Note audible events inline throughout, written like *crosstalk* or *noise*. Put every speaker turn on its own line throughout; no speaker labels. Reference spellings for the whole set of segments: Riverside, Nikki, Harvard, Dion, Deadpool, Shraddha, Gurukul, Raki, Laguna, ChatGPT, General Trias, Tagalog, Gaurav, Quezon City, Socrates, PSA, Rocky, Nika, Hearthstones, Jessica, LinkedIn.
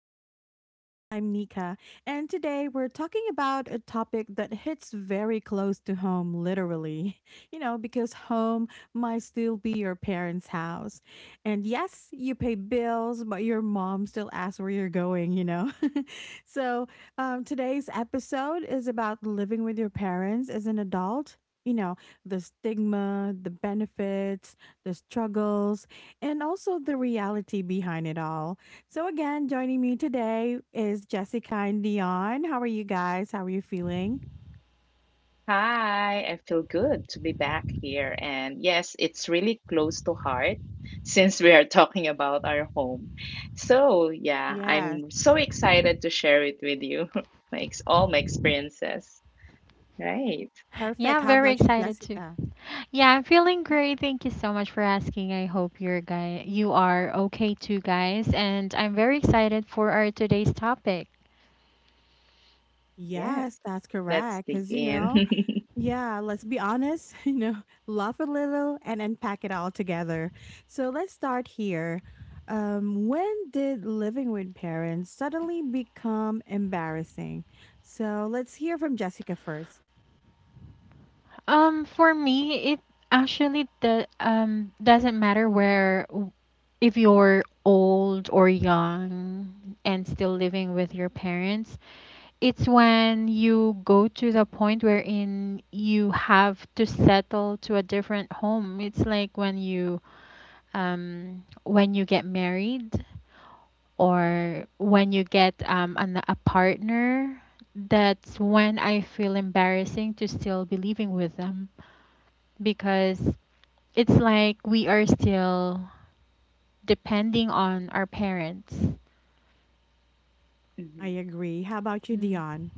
the podcast. I'm Nika, and today we're talking about a topic that hits very close to home, literally. *laughs* Because home might still be your parents' house. And yes, you pay bills, but your mom still asks where you're going, *laughs* so, Today's episode is about living with your parents as an adult. You know, the stigma, the benefits, the struggles, and also the reality behind it all. So, again, joining me today is Jessica and Dion. How are you guys? How are you feeling?
Hi, I feel good to be back here. And yes, it's really close to heart *laughs* since we are talking about our home. So, yeah,
Yes,
I'm so excited to share it with you. *laughs* My ex All my experiences. Right.
Yeah,
perfect.
I'm
How
very
about you,
excited too.
Jessica?
Yeah, I'm feeling great. Thank you so much for asking. I hope you are okay too, guys. And I'm very excited for our today's topic.
Yes.
Yes, that's
Let's dig
correct. Because, you
in.
know,
*laughs*
yeah, let's be honest. *laughs* Laugh a little and unpack it all together. So, let's start here. When did living with parents suddenly become embarrassing? So, let's hear from Jessica first.
For me, it actually the doesn't matter where, if you're old or young and still living with your parents. It's when you go to the point wherein you have to settle to a different home. It's like when you get married, or when you get a partner, that's when I feel embarrassing to still be living with them, because it's like we are still depending on our parents.
I
Mhm.
agree. How about you,
Mm.
Dion?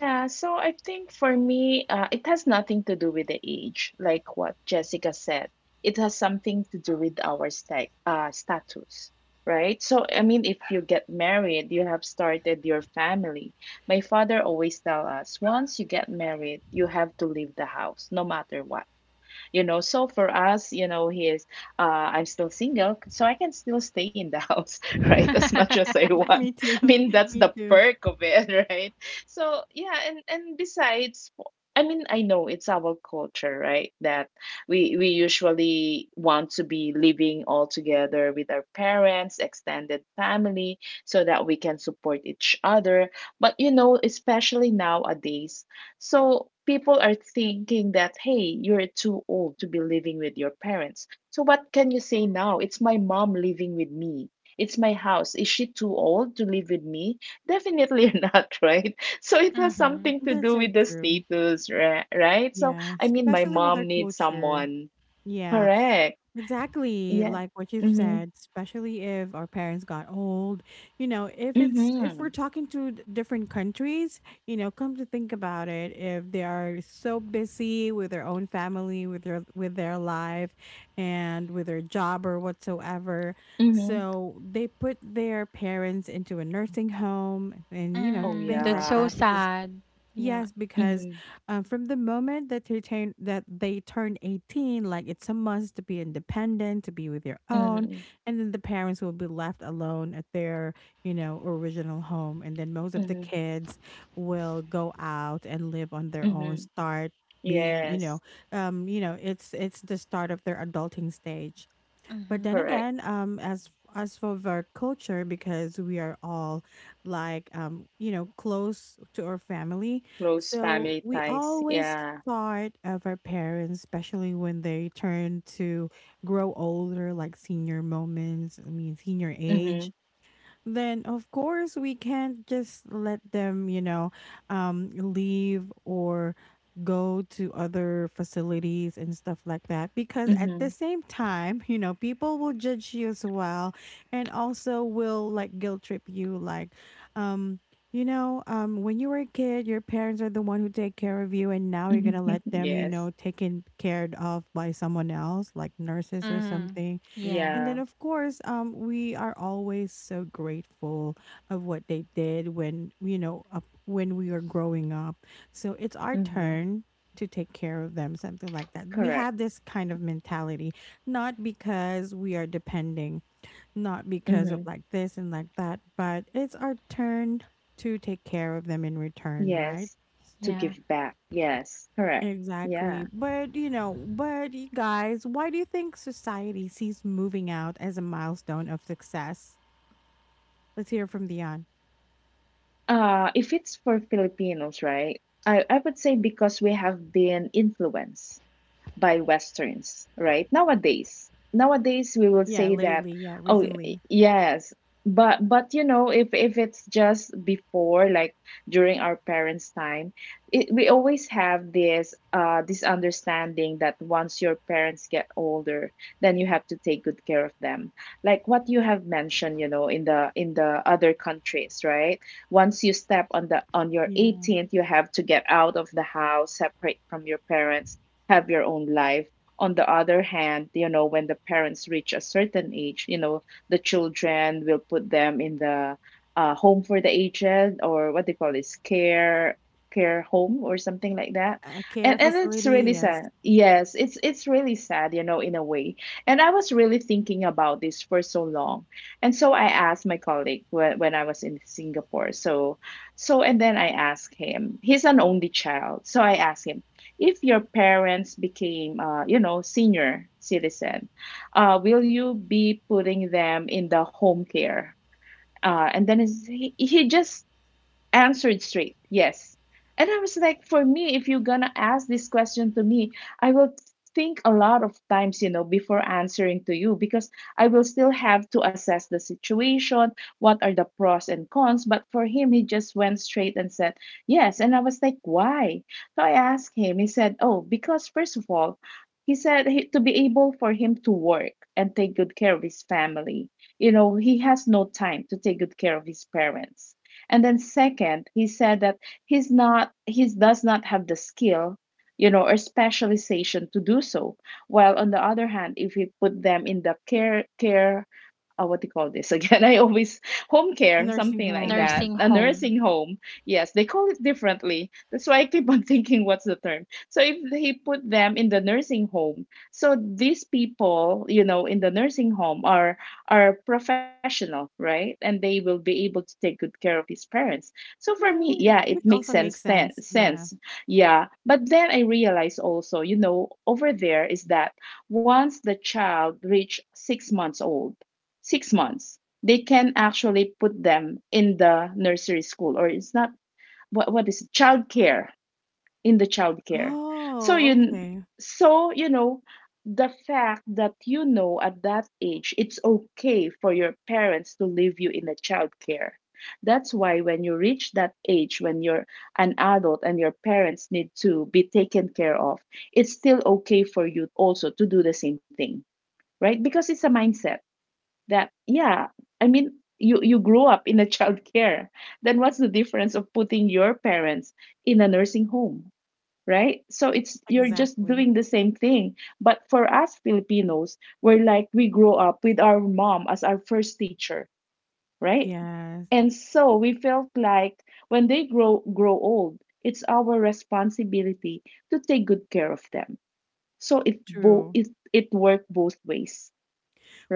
Yeah, so I think for me, it has nothing to do with the age, like what Jessica said. It has something to do with our status, right? So, I mean, if you get married, you have started your family. My father always tell us, once you get married, you have to leave the house, no matter what, you know. So for us, you know, he is uh, I'm still single, so I can still stay in the *laughs* house, right, as
*laughs*
much as I want.
Me
*laughs* I
too.
mean,
*laughs*
that's
Me
the
too.
perk of it. *laughs* Right. So yeah, and besides, I mean, I know it's our culture, right? That we usually want to be living all together with our parents, extended family, so that we can support each other. But you know, especially nowadays, so people are thinking that, hey, you're too old to be living with your parents. So what can you say now? It's my mom living with me. It's my house. Is she too old to live with me? Definitely *laughs* not, right? So it has
Mm-hmm.
something to
That's
do
so
with the
true.
status, right? So
Yeah,
I mean, my
especially with
mom
our
needs
culture.
someone.
Yeah,
Correct.
exactly.
Yeah.
Like what you've
Mm-hmm.
said, especially if our parents got old, you know, if it's
Mm-hmm.
if we're talking to different countries, you know, come to think about it, if they are so busy with their own family, with their life and with their job or whatsoever,
Mm-hmm.
so they put their parents into a nursing home and, you know,
Oh
Mm,
things
that's
like
so
yeah.
that because
sad. Yeah.
yes, because
Mm-hmm.
from the moment that they turn 18, like it's a must to be independent, to be with your own,
Mm-hmm.
and then the parents will be left alone at their, you know, original home, and then most of the
Mm-hmm.
kids will go out and live on their own,
Mm-hmm.
start being, you know
Yes.
um you know it's the start of their adulting stage. But
Mm-hmm.
then
Correct.
again, as for our culture, because we are all like, you know, close to our family,
Close
so
family
we
ties.
always
Yeah.
thought of our parents, especially when they turn to grow older, like senior moments. I mean, senior
Mhm.
age. Then of course we can't just let them, you know, leave or go to other facilities and stuff like that because at
Mhm.
the same time, you know, people will judge you as well and also will like guilt trip you, like um when you were a kid, your parents are the one who take care of you, and now you're gonna
*laughs*
let them, you
Yes.
know, taken cared of by someone else like nurses or
Mm-hmm.
something.
Yeah.
And
Yeah.
then, of course, we are always so grateful of what they did when, you know, when we were growing up. So it's our
Mhm.
turn to take care of them, something like that. We
Correct.
have this kind of mentality, not because we are depending, not because of
Mhm.
like this and like that, but it's our turn to take care of them in return, right?
Yes. To
Yeah.
give back. Yes. Correct. Yeah.
Exactly. But, you know, but you guys, why do you think society sees moving out as a milestone of success? Let's hear from Dion.
If it's for Filipinos, right? I would say because we have been influenced by Westerns, right? Nowadays, we will
Yeah,
say that,
lately. Yeah, recently.
yes, but you know, if it's just before, like during our parents' time, we always have this this understanding that once your parents get older, then you have to take good care of them. Like what you have mentioned, you know, in the other countries, right? Once you step on the on your
Yeah.
18th, you have to get out of the house, separate from your parents, have your own life. On the other hand, you know, when the parents reach a certain age, you know, the children will put them in the home for the aged, or what they call this care home or something like that.
A care
And it's
facility.
really
Yes.
sad. Yes, it's really sad, you know, in a way. And I was really thinking about this for so long. And so I asked my colleague when I was in Singapore. So and then I asked him. He's an only child. So I asked him, if your parents became, you know, senior citizen, will you be putting them in the home care, and then he just answered straight yes. And I was like, for me, if you're gonna ask this question to me, I will think a lot of times, you know, before answering to you, because I will still have to assess the situation, what are the pros and cons. But for him, he just went straight and said yes. And I was like, why? So I asked him. He said, oh, because first of all, he said he, to be able for him to work and take good care of his family, you know, he has no time to take good care of his parents. And then second, he said that he's not, he does not have the skill, you know, or specialization to do so. While on the other hand, if we put them in the care, what do you call this again? *laughs* I always, home
A
care,
nursing
something like
home. Yeah.
that,
Nursing
a
home.
nursing home. Yes, they call it differently. That's why I keep on *laughs* thinking, what's the term? So if they put them in the nursing home, so these people, you know, in the nursing home are professional, right? And they will be able to take good care of his parents. So for me,
Yeah.
yeah, it
Which
makes
also
sense.
makes sense. Yeah.
Yeah. But then I realize also, you know, over there is that once the child reach 6 months old, six months, they can actually put them in the nursery school, or it's not, what is it? Child care, in the child care. So
Oh,
you
okay.
so you know, the fact that you know at that age it's okay for your parents to leave you in a child care. That's why when you reach that age when you're an adult and your parents need to be taken care of, it's still okay for you also to do the same thing, right? Because it's a mindset that, yeah, I mean, you grow up in a childcare, then what's the difference of putting your parents in a nursing home, right? So it's, you're just
Exactly.
doing the same thing. But for us Filipinos, we're like we grow up with our mom as our first teacher, right?
Yes.
And so we felt like when they grow old, it's our responsibility to take good care of them. So it both,
True.
it worked both ways,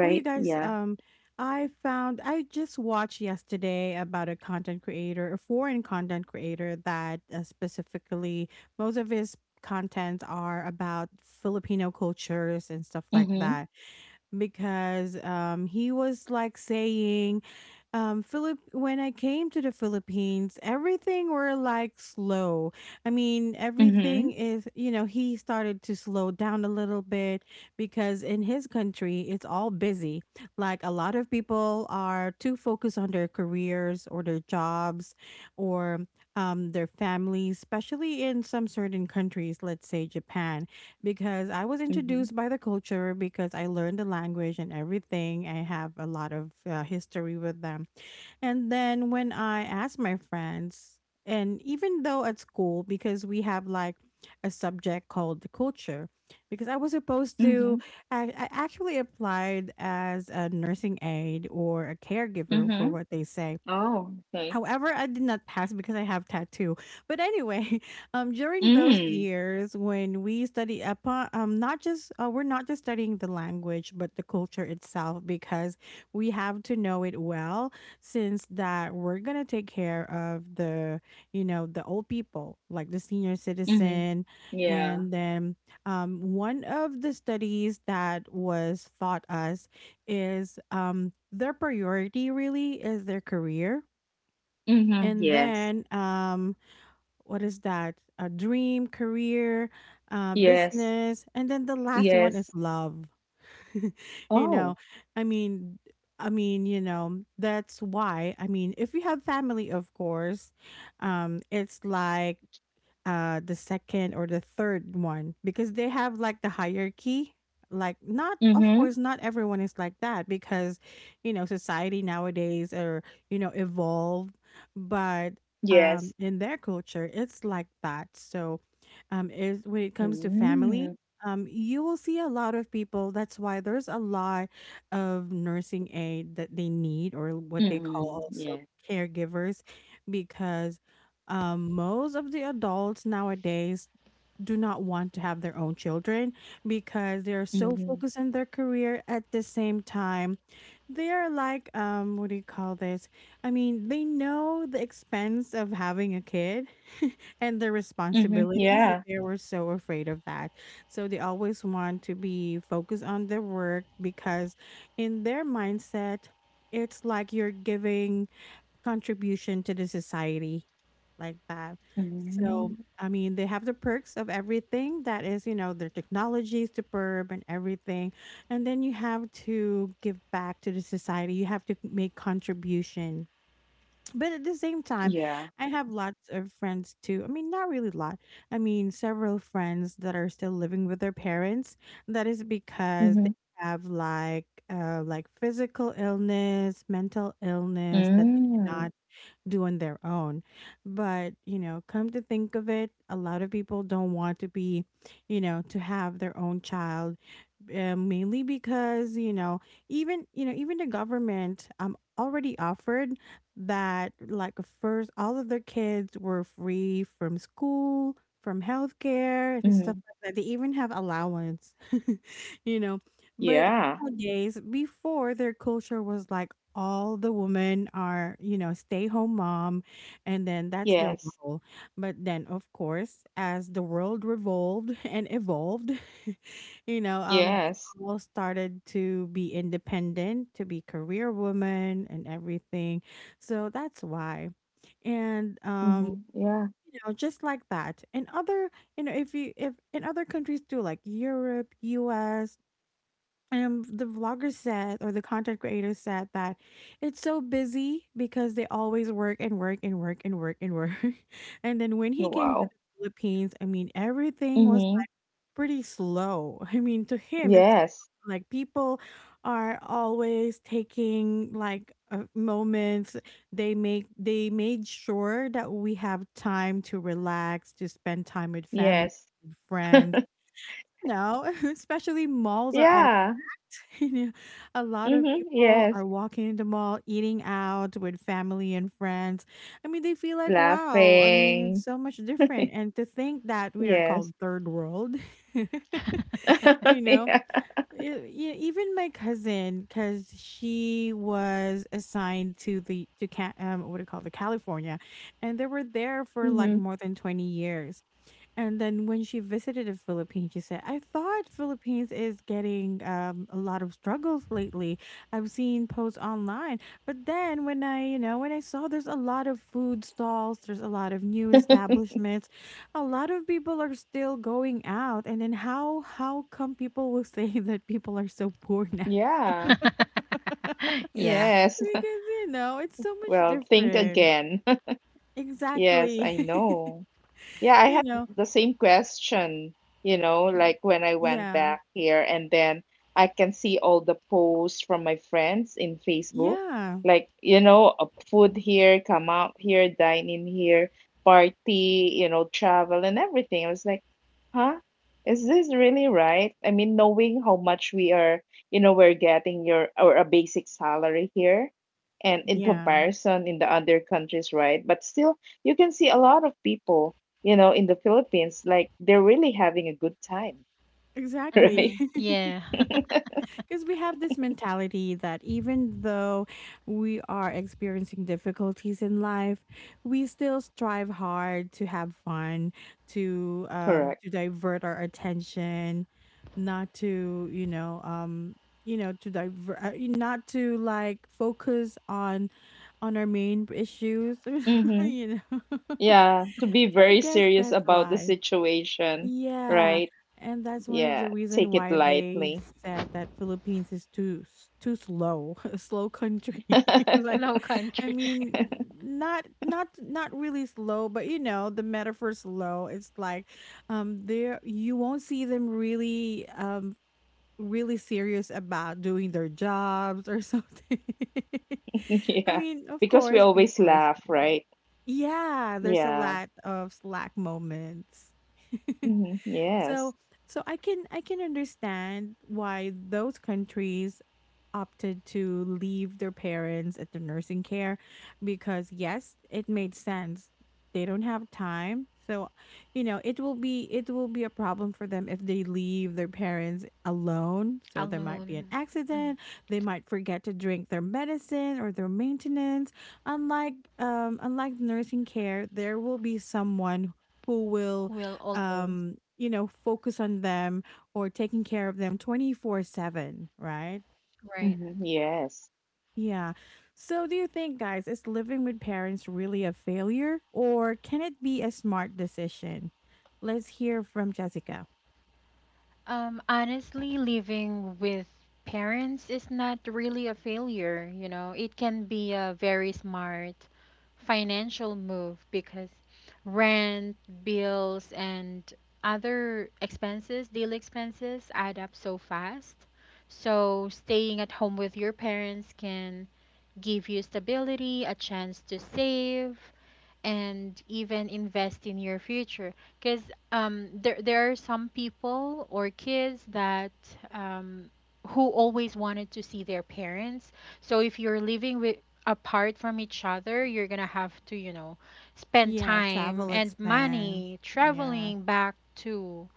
Well, you guys,
Yeah.
I found, I just watched yesterday about a content creator, a foreign content creator that specifically most of his content are about Filipino cultures and stuff like
Mm-hmm.
that because he was like saying, Philip, when I came to the Philippines, everything were like slow. I mean,
Mm-hmm.
everything is, you know, he started to slow down a little bit because in his country, it's all busy. Like a lot of people are too focused on their careers or their jobs or their families, especially in some certain countries, let's say Japan, because I was
Mhm.
introduced by the culture because I learned the language and everything. I have a lot of history with them. And then when I asked my friends, and even though at school, because we have like a subject called the culture, because I was supposed
Mhm.
to, I actually applied as a nursing aide or a caregiver for
Mhm.
what they say.
Oh, okay.
However, I did not pass because I have tattoo. But anyway, *laughs* during those
Mm.
years when we study upon, not just we're not just studying the language but the culture itself, because we have to know it well since that we're gonna take care of the, you know, the old people like the senior
Mhm.
citizen.
Yeah.
And then one of the studies that was taught us is, their priority really is their career.
Mhm.
And
Yes.
then what is that a dream career,
Yes.
business, and then the last one is
Yes.
love. *laughs* you know
Oh.
i mean that's why, I mean, if you have family, of course, it's like the second or the third one, because they have like the hierarchy. Like, not of course
Mhm.
not everyone is like that, because you know, society nowadays are, you know, evolved. But
Yes.
in their culture it's like that. So is when it comes to
Mm.
family, you will see a lot of people. That's why there's a lot of nursing aid that they need, or what they call
Mm. Yeah.
also caregivers, because most of the adults nowadays do not want to have their own children because they're so
Mhm.
focused on their career. At the same time, they're like, what do you call this I mean, they know the expense of having a kid *laughs* and the
Mhm.
responsibilities.
Yeah.
They were so afraid of that, so they always want to be focused on their work, because in their mindset it's like you're giving contribution to the society, like that. So,
Mm.
I mean, they have the perks of everything that is, you know, their technology is superb and everything. And then you have to give back to the society. You have to make contribution. But at the same time,
Yeah.
I have lots of friends too. I mean, not really a lot. I mean, several friends that are still living with their parents. That is because they
Mhm.
have like physical illness, mental illness that they
Mm.
cannot do on their own. But, you know, come to think of it, a lot of people don't want to be, you know, to have their own child, mainly because, you know, even the government already offered that, like, first all of their kids were free from school, from healthcare and stuff
Mhm.
like that. They even have allowance. *laughs* You know, but
Yeah.
nowadays, before, their culture was like all the women are, you know, stay home mom, and then that's their
Yes.
role. But then, of course, as the world revolved and evolved, *laughs* you know um
Yes.
all started to be independent, to be career woman and everything. So that's why. And
Mhm. Yeah.
you know, just like that. And other, you know, if in other countries too, like Europe, US, the vlogger said or the content creator said that it's so busy because they always work and work and work and work and work. *laughs* And then when he
Oh,
came to
wow.
the Philippines, I mean everything was
Mhm.
pretty slow. I mean, to him, it's
Yes.
like people are always taking like, moments. They made sure that we have time to relax, to spend time with family,
Yes.
with friends. You know, *laughs* especially malls are all. *laughs*
Yeah.
You know, a lot of
Mhm.
people
Yes.
are walking in the mall, eating out with family and friends. I mean, they feel like, wow. I mean, it's
Laughing.
so much different. And to think that we are called
Yes.
third world. *laughs* You
*laughs*
know?
Yeah.
E e even my cousin, cause she was assigned to the to Ca what do you call it, California, and they were there for, like,
Mhm.
more than 20 years. And then when she visited the Philippines, she said, I thought Philippines is getting, a lot of struggles lately. I've seen posts online. But then when I, you know, when I saw there's a lot of food stalls, there's a lot of new establishments, a lot of people are still going out. And then how come people will say *laughs* that people are so poor now?
Yeah.
*laughs* Because
Yeah.
Yes. *laughs*
you know, it's so much
Well, think
different.
again. *laughs* Yes,
Exactly.
I know. Yeah,
*laughs*
I
You
had
know.
the same question, you know, like
y-
when I went
Yeah.
back here and then I can see all the posts from my friends in Facebook.
Yeah.
Like, you know, food here, come out here, dine in here, party, you know, travel and everything. I was like, huh? Is this really right? I mean, knowing how much we are, you know, we're getting your or a basic salary here and in
Yeah.
comparison in the other countries, right? But still, you can see a lot of people, you know, in the Philippines, like they're really having a good time, *laughs*
Mm-hmm.
Exactly.
right?
*laughs*
Yeah.
Because we have this mentality that even though we are experiencing difficulties in life, we still strive hard to have fun,
Correct.
to divert our attention, not to, you know, to divert, not to like focus on our main issues. *laughs*
Mm-hmm.
You know. *laughs*
Yeah, to be
So I
very
guess
serious
that's
about the
why.
situation,
Yeah,
right?
and that's one of
Yeah,
the reason
take it
why they
lightly.
said that Philippines is too too slow, *laughs* a slow country.
*laughs*
*laughs*
*laughs*
Like,
Slow
I
country.
mean, not really slow, but you know, the metaphor slow. It's like, there you won't see them really really serious about doing their jobs or something. *laughs* I
Yeah,
mean, of
because we
course,
always
people are
laugh,
serious.
right?
Yeah, there's a
Yeah.
lot of slack moments. *laughs*
Mm-hmm. Yes.
so so I can understand why those countries opted to leave their parents at the nursing care because yes, it made sense. They don't have time. So, you know, it will be a problem for them if they leave their parents alone. So there might be an
Alone. Mm.
accident, they might forget to drink their medicine or their maintenance. Unlike nursing care, there will be someone who will
Will always.
you know focus on them or taking care of them 24/7, right?
Right.
Mm-hmm. Yes.
Yeah. So, do you think, guys, is living with parents really a failure or can it be a smart decision? Let's hear from Jessica.
Honestly, living with parents is not really a failure. It can be a very smart financial move, because rent, bills, and other expenses, daily expenses, add up so fast. So staying at home with your parents can give you stability, a chance to save, and even invest in your future, because there are some people or kids that um, who always wanted to see their parents. So if you're living with apart from each other, you're gonna have to spend
Yeah.
time
Travel
and
expense.
money
Yeah.
traveling back to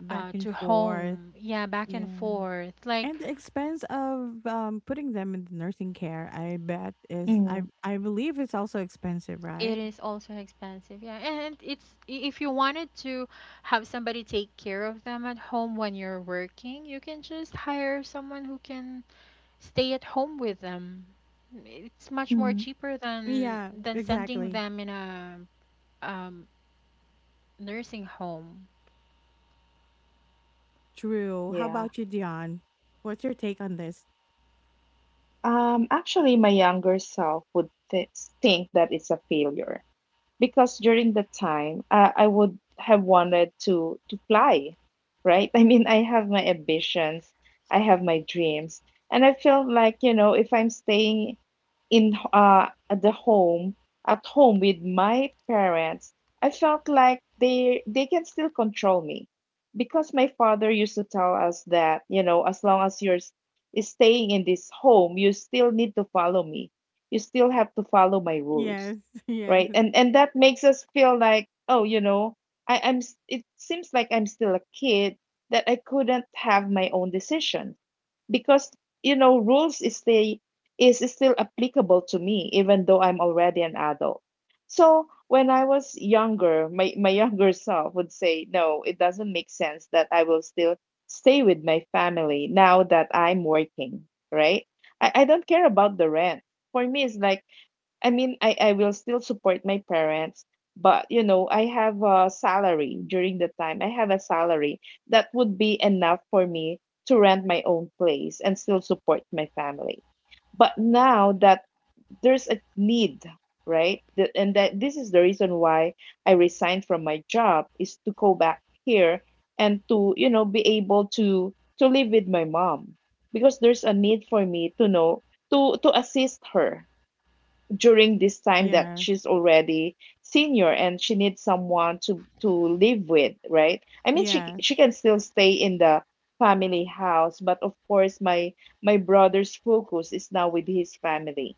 Back
uh,
and
to
forth.
home, yeah, back and
Yeah.
forth, like...
And the expense of putting them in the nursing care, I bet is, I,
Mm-hmm.
I believe it's also expensive, right?
It is also expensive, yeah. And if you wanted to have somebody take care of them at home when you're working, you can just hire someone who can stay at home with them. It's much more
Mm-hmm.
cheaper than
Yeah,
than sending
exactly.
them in a, um, nursing home.
True. How
Yeah.
about you, Dion? What's your take on this?
Actually, my younger self would think that it's a failure because during that time, I would have wanted to fly, right? *laughs* I mean, I have my ambitions, I have my dreams, and I felt like, you know, if I'm staying in at the home at home with my parents, I felt like they can still control me because my father used to tell us that, you know, as long as you're s- is staying in this home, you still need to follow me. You still have to follow my rules,
Yes, *laughs*
right.
yes,
And that makes us feel like, oh, you know, it seems like I'm still a kid that I couldn't have my own decision because, you know, rules is the is still applicable to me even though I'm already an adult. So when I was younger, my younger self would say no, it doesn't make sense that I will still stay with my family now that I'm working, right. I don't care about the rent. For me, it's like, I mean, I will still support my parents, but you know, I have a salary during the time. I have a salary that would be enough for me to rent my own place and still support my family. But now that there's a need, right? And that, this is the reason why I resigned from my job, is to go back here and to, you know, be able to live with my mom, because there's a need for me to know, to assist her during this time that
yes,
she's already senior and she needs someone to live with, right. I mean,
yes.
she can still stay in the family house, but of course my my brother's focus is now with his family,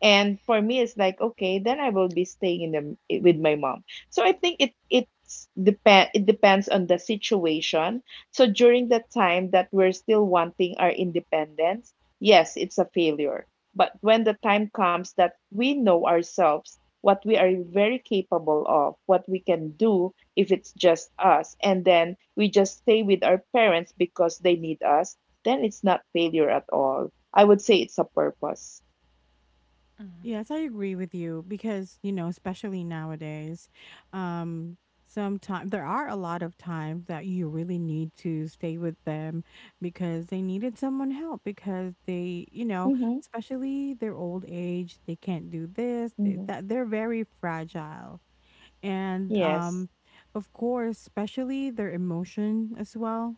and for me, it's like, okay, then I will be staying in the with my mom. So I think it's depend it depends on the situation. So during the time that we're still wanting our independence, yes, it's a failure. But when the time comes that we know ourselves, what we are very capable of, what we can do if it's just us, and then we just stay with our parents because they need us, then it's not failure at all. I would say it's a purpose.
Yes, I agree with you because, you know, especially nowadays, um, sometimes there are a lot of times that you really need to stay with them because they needed someone help because they, you know, especially their old age, they can't do this, they,
Mhm.
that they're very fragile and
Yes.
of course especially their emotion as well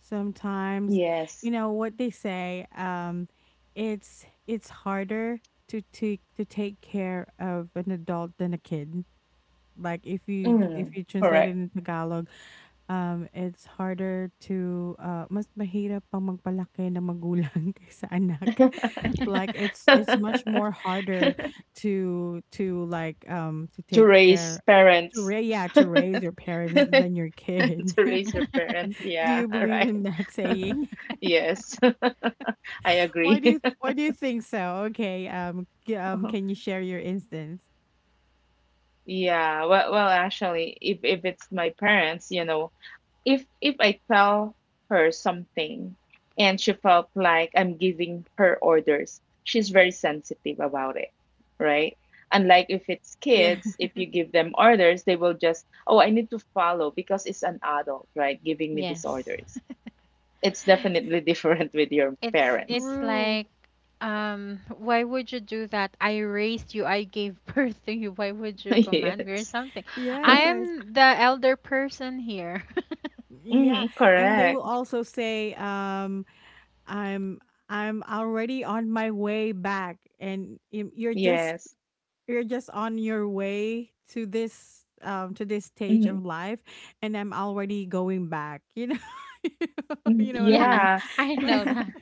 sometimes
Yes.
you know what they say it's harder to take care of an adult than a kid. Like if
Mm.
you translate it
Correct.
into Tagalog, it's harder to mas mahirap pang magpalaki ng magulang *laughs* kaysa anak.
Mm.
Like it's
*laughs*
much more harder to like to
To
take
raise
care to
parents.
ra yeah,
*laughs* To
to raise your parents than your kid.
raise parents.
*laughs* Do
Yeah.
you
All
believe
right.
in that saying?
Yes. *laughs* I
*laughs*
agree.
Why do you think so? Okay, can
*laughs*
you share your instance?
Yeah, well, actually, if it's my parents, if I tell her something and she felt like I'm giving her orders, she's very sensitive about it, right? Unlike if it's
Yeah,
kids, if you give them orders, they will just, oh, I need to follow because it's an adult, right?
*laughs*
Giving me these
Yes.
orders. It's definitely different *laughs* with your
It's
*laughs*
parents.
it's
true.
like, why would you do that? I raised you. I gave *laughs* birth to you. Why would you
*laughs*
command me or
Yes.
something? I
*laughs*
Yes.
am the elder person here. *laughs*
Yeah.
Hmm.
And they will
Correct.
also say, I'm I'm already on my way back and y-
Yes.
you're just on your way to this stage
Mhm.
of life and I'm already going back, you know. *laughs*
Mhm.
You know what I
Yeah,
mean?
Yeah.
I
Like
know that.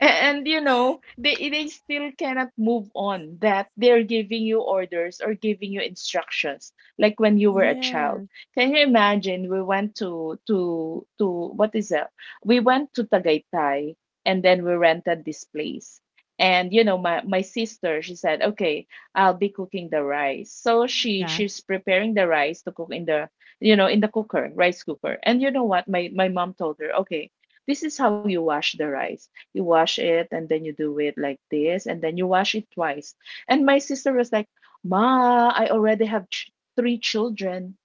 And you know, they still cannot move on that they're giving you orders or giving you instructions like when you were a child.
yes.
Can you imagine we went to what is that? We went to Tagaytay and then we rented this place. And you know, my sister, she said, "Okay, I'll be cooking the rice." So she
Yeah.
she's preparing the rice to cook in the in the cooker, rice cooker. And you know what? My mom told her, "Okay, this is how you wash the rice. You wash it and then you do it like this and then you wash it twice." And my sister was like, "Ma, I already have three children.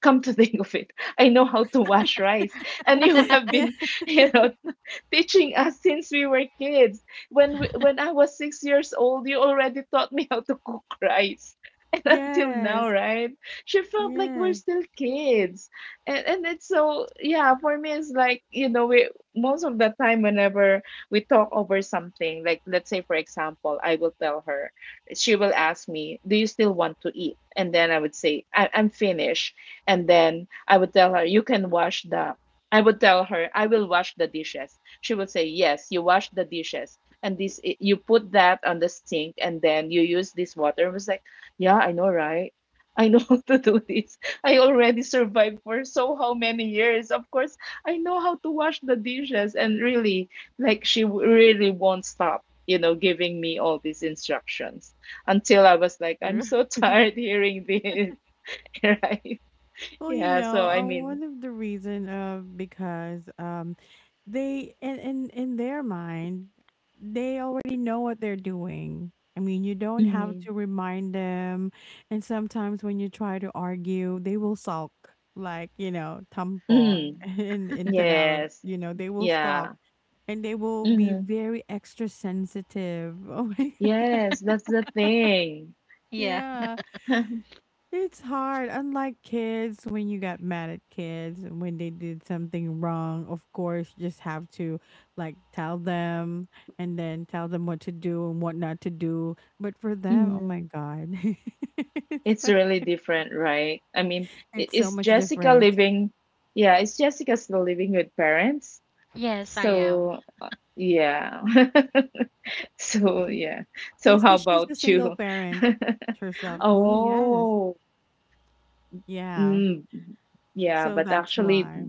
Come to *laughs* think of it, I know how to
*laughs*
wash rice, and you have
yeah.
been *laughs* you know *laughs* teaching us since we were kids. When I was 6 years old, you already taught me *laughs* how to cook rice." *laughs* And until now,
Yes.
right? She felt like we're
Yes.
still kids. And it's so, yeah, for me it's like, we, most of the time whenever we talk over something, like, let's say, for example, I will tell her, she will ask me, "Do you still want to eat?" And then I would say, I'm finished." And then I would tell her, You can wash the I would tell her, I will wash the dishes. She would say, "Yes, you wash the dishes, and this, you put that on the sink, and then you use this water." I was like, "Yeah, I know, right? I know *laughs* how to do this. I already survived for so how many years. Of course I know how to wash the dishes." And really, like, really won't stop, giving me all these instructions, until I was like, "I'm
True.
so *laughs* tired hearing this." *laughs* Right?
Well, you
Yeah. So
know,
I mean,
one of the reason because they in, in their mind they already know what they're doing. I mean, you don't have
mm,
to remind them. And sometimes when you try to argue, they will sulk, like you know, tampo
mm,
*laughs* in Tagalog.
yes.
You know, they will sulk
Yeah.
and they will be
Mhm.
very extra sensitive. *laughs* Oh my god,
Yes, that's the thing.
Yeah.
yeah.
*laughs*
It's hard. Unlike kids, when you got mad at kids and when they did something wrong, of course, you just have to like tell them and then tell them what to do and what not to do. But for them, oh my
Mhm.
God, *laughs* it's
It's
like
really different, right? I mean, i-
it's so
is
much
Jessica
different.
living? Yeah, is Jessica still living with parents?
Yes, I am.
So, yeah. *laughs* So, yeah. So,
Yes,
how
because she's
about
a single
you? *laughs*
parent herself.
Mhm.
Me, yes.
Oh,
Yeah.
mm, yeah,
So
but
that's
actually,
why.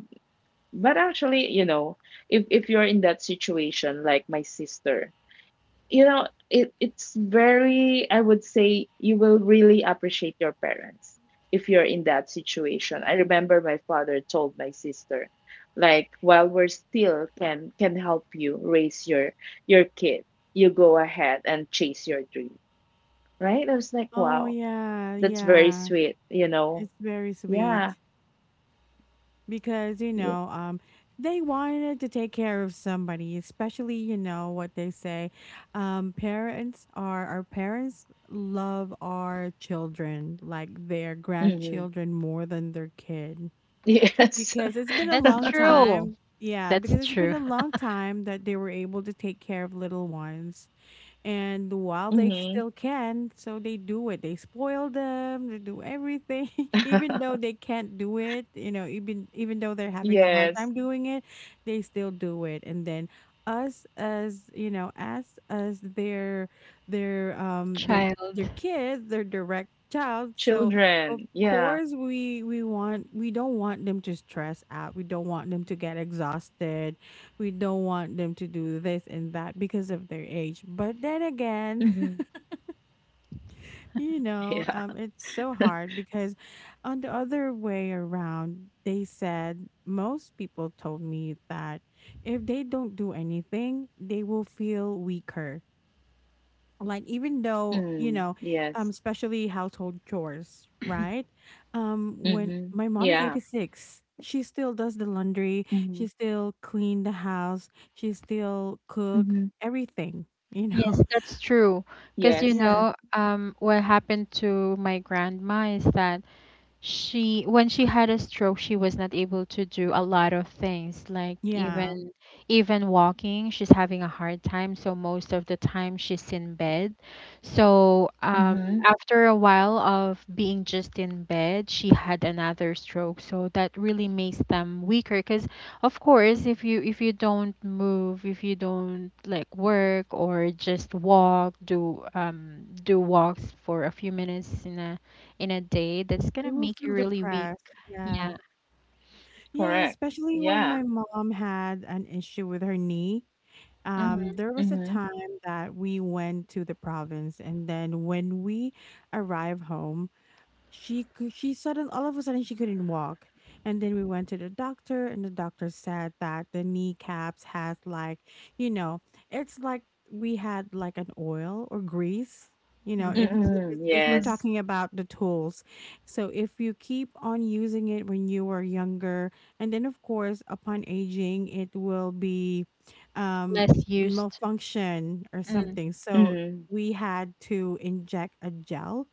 but actually, you know, if you're in that situation, like my sister, it's very, I would say, you will really appreciate your parents if you're in that situation. I remember my father told my sister, like, while we're still can help you raise your kid, you go ahead and chase your dream. Right? I was like,
Oh,
wow,
yeah.
that's very
Yeah.
sweet.
It's very
Yeah.
sweet. Because you know, they wanted to take care of somebody, especially you know what they say, parents are our parents love our children like their
Mhm.
grandchildren more than their kid
*laughs* Yes.
because it's been a
That's
long
true.
time, yeah,
That's
because it's been
true.
a long time that they were able to take care of little ones. And while they
Hmm.
still can, so they do it. They spoil them, they do everything, *laughs*
*laughs*
even though they can't do it, you know, even even though they're having a hard
Yes.
time doing it, they still do it. And then us as you know, as their
*laughs*
um their their
Child.
kids, their direct child. So of
Children. Yeah.
course we want we don't want them to stress out. We don't want them to get exhausted. We don't want them to do this and that because of their age. But then again, *laughs*
Hmm.
you know,
Yeah.
it's so
*laughs*
hard because on the other way around, they said most people told me that if they don't do anything, they will feel weaker, like even though you know
Mm, yes.
especially household chores, right? When my
Mhm.
mom is
Yeah.
86, she still does the laundry, she
Mhm.
still clean the house, she still cook
Mhm.
everything, you know.
Yes, that's true.
*laughs*
Because,
Yes.
Yes.
what happened to my grandma is that she when she had a stroke, she was not able to do a lot of things, like
Yeah,
even walking. She's having a hard time, so most of the time she's in bed. So,
Mhm.
after a while of being just in bed, she had another stroke, so that really makes them weaker, because of course if you don't move, if you don't, like, work or just walk, do walks for a few minutes in a, in a day, that's gonna
they will
make you
feel
really weak.
depressed,
Yeah.
yeah. Yeah,
Correct.
especially when my
Yeah.
mom had an issue with her knee.
Hmm.
There was a time
Mhm.
that we went to the province, and then when we arrive home, she cou- she sudden all of a sudden she couldn't walk. And then we went to the doctor and the doctor said that the kneecaps has like, you know, it's like we had like an oil or grease, you know,
Greece.
if,
Mm-mm.
it's, if we're
Mm.
Yes.
talking about the tools. So if you keep on using it when you were younger, and then of course upon aging it will be um
Less used.
malfunction or
Mm.
something. So
Mhm.
we had to inject a gel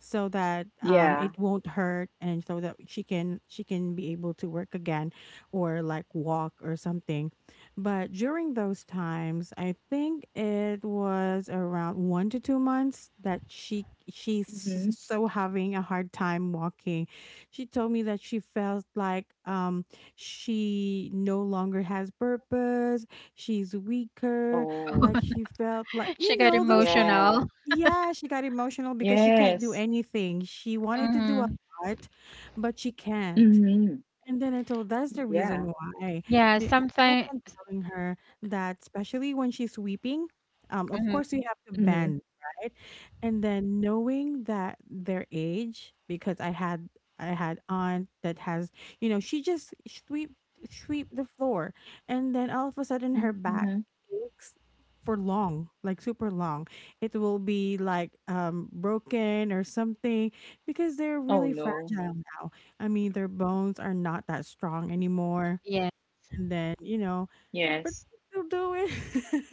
so that
Yeah.
it won't hurt and so that she can be able to work again or like walk or something. But during those times, I think it was around 1 to 2 months that she she's
Mhm.
s- so having a hard time walking. She told me that she felt like she no longer has purpose, she's weaker,
Oh.
like she
*laughs*
felt like
She
you
got
know those kind of
emotional.
Yeah.
yeah, she got emotional because she can't do
Yes.
anything. She wanted to do a
Mm-hmm.
lot, but she can't.
Mhm.
And then I told that's the
Yeah.
reason why.
Yeah,
Be- I kept
sometimes.
on telling her that, especially when she's sweeping, of
Mm-hmm.
course we have to bend,
Mhm.
right? And then knowing that their age, because I had aunt that has, you know, she just sweep the floor, and then all of a sudden her
Mhm.
back aches for long, like super long. It will be like broken or something because they're
Oh
really
no.
fragile now. I mean, their bones are not that strong anymore.
Yeah,
And then, you know,
Yes.
but you still do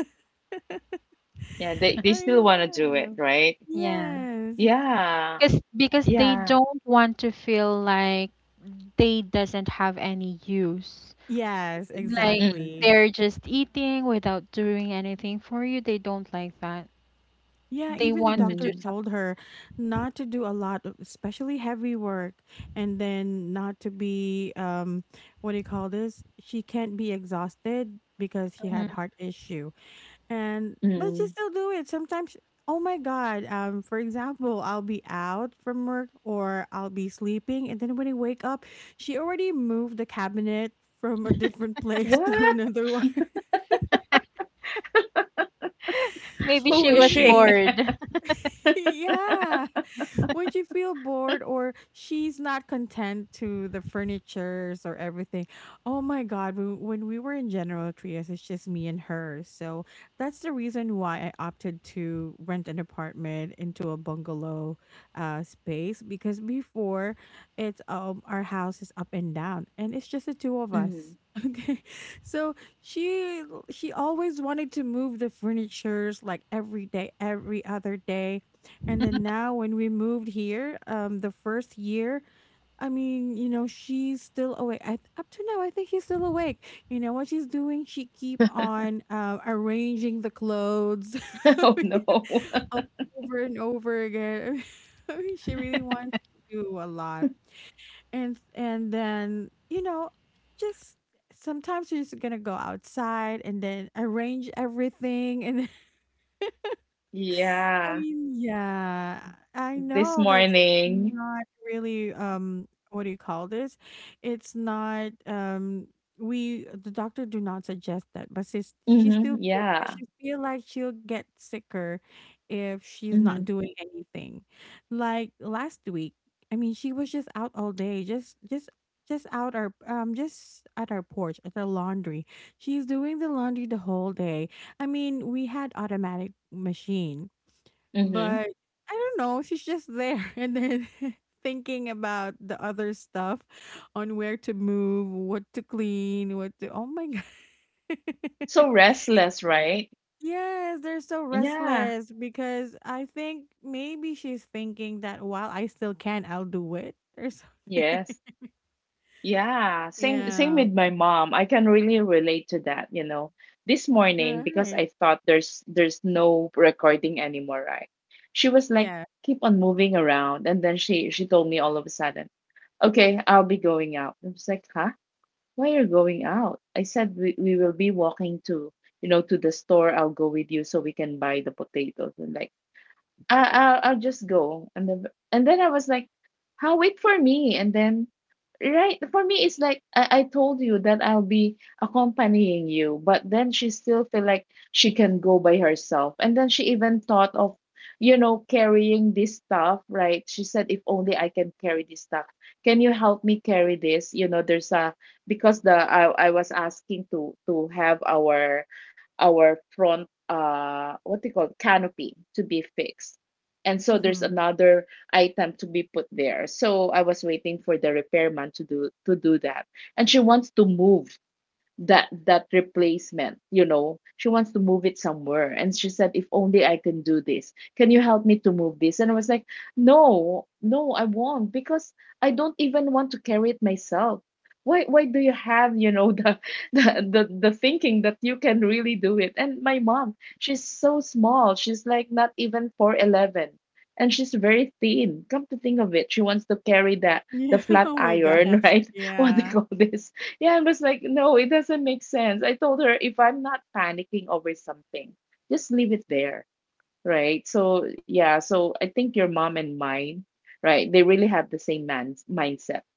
it.
Yeah. They
*laughs* I
still
mean,
want to
yeah, I
do
don't
it,
know.
right?
yeah.
Yes.
Yeah.
Because they
Yeah.
don't want to feel like they doesn't have any use.
Yes,
Like,
Mhm.
exactly.
they're just eating without doing anything for you. They don't like that.
Yeah,
They
even the
want to
doctor
do
Mhm.
something.
told her not to do a lot, of- especially heavy work, and then not to be what do you call this? She can't be exhausted because she
Mhm.
had heart issue. And but you
Mhm.
still do it sometimes. Oh my god, for example, I'll be out from work or I'll be sleeping, and then when I wake up she already moved the cabinet from a different place *laughs* to
What?
another one. *laughs*
Maybe
She's
Who
she
is
was
she?
80.
*laughs*
bored.
*laughs* Yeah. *laughs* When you feel bored or she's not content to the furnitures or everything. Oh my God. When we were in General Trias, it's just me and her. So that's the reason why I opted to rent an apartment into a bungalow space, because before it's our house is up and down and it's just the two of us.
Mhm.
*laughs* Okay. So she she always wanted to move the furnitures like every day, every other day. And then now
*laughs*
when we moved here, the first year, I mean, you know, she's still awake. I, up to now, I think she's still awake. You know what she's doing? She keep on arranging the clothes *laughs*
*laughs*
I
Oh
mean,
no. *laughs*
o- over and over again. *laughs* I mean, she really wants to do a lot. And then, you know, just sometimes she's gonna go outside and then arrange everything. And I
Yeah.
mean, yeah, I
This
know that it's
morning.
not really what do you call this? It's not we the doctor do not suggest that, but she's, she still
Mhm.
do it because
Yeah.
she feel like she'll get sicker if she's not
Mhm.
doing anything. Like last week, I mean, she was just out all day, just out our just at our porch at the laundry. She's doing the laundry the whole day. I mean, we had automatic machine
Mhm.
but I don't know, she's just there *laughs* and then *laughs* thinking about the other stuff on where to move, what to clean, what to Oh my god.
So
*laughs*
restless, right?
Yes, they're so
Yeah.
restless because I think maybe she's thinking that while I still can, I'll do it or something.
Yes.
*laughs*
Yeah. Same
Yeah,
with my mom. I can really relate to that. This morning, because
right.
I thought there's no recording anymore, right? She was like
Yeah.
keep on moving around, and then she told me all of a sudden, "Okay, I'll be going out." I was like, "Huh? Why you're going out?" I said, We will be walking to, the store. I'll go with you so we can buy the potatoes, and like, I'll just go." And then, I was like, "How? Wait for me?" And then, right, for me, it's like, I told you that I'll be accompanying you, but then she still feel like she can go by herself. And then she even thought of, carrying this stuff, right? She said, "If only I can carry this stuff. Can you help me carry this?" You know, there's a, because the, I was asking to, have our front what do you call it, canopy, to be fixed, and so there's
Hmm.
another item to be put there. So I was waiting for the repairman to do that. And she wants to move that replacement. She wants to move it somewhere, and she said, "If only I can do this, can you help me to move this?" And I was like, "No, no, I won't, because I don't even want to carry it myself. Why do you have, the *laughs* the thinking that you can really do it?" And my mom, she's so small, she's like not even 4'11", and she's very thin, come to think of it, she wants to carry that, the
Yeah. *laughs*
flat
Oh my
iron, *laughs*
gosh.
right? What do you
Yeah.
call this? Yeah, I was like, no, it doesn't make sense. I told her, if I'm not panicking over something, just leave it there. Right. So, yeah. So I think your mom and mine, right, they really have the same mindset.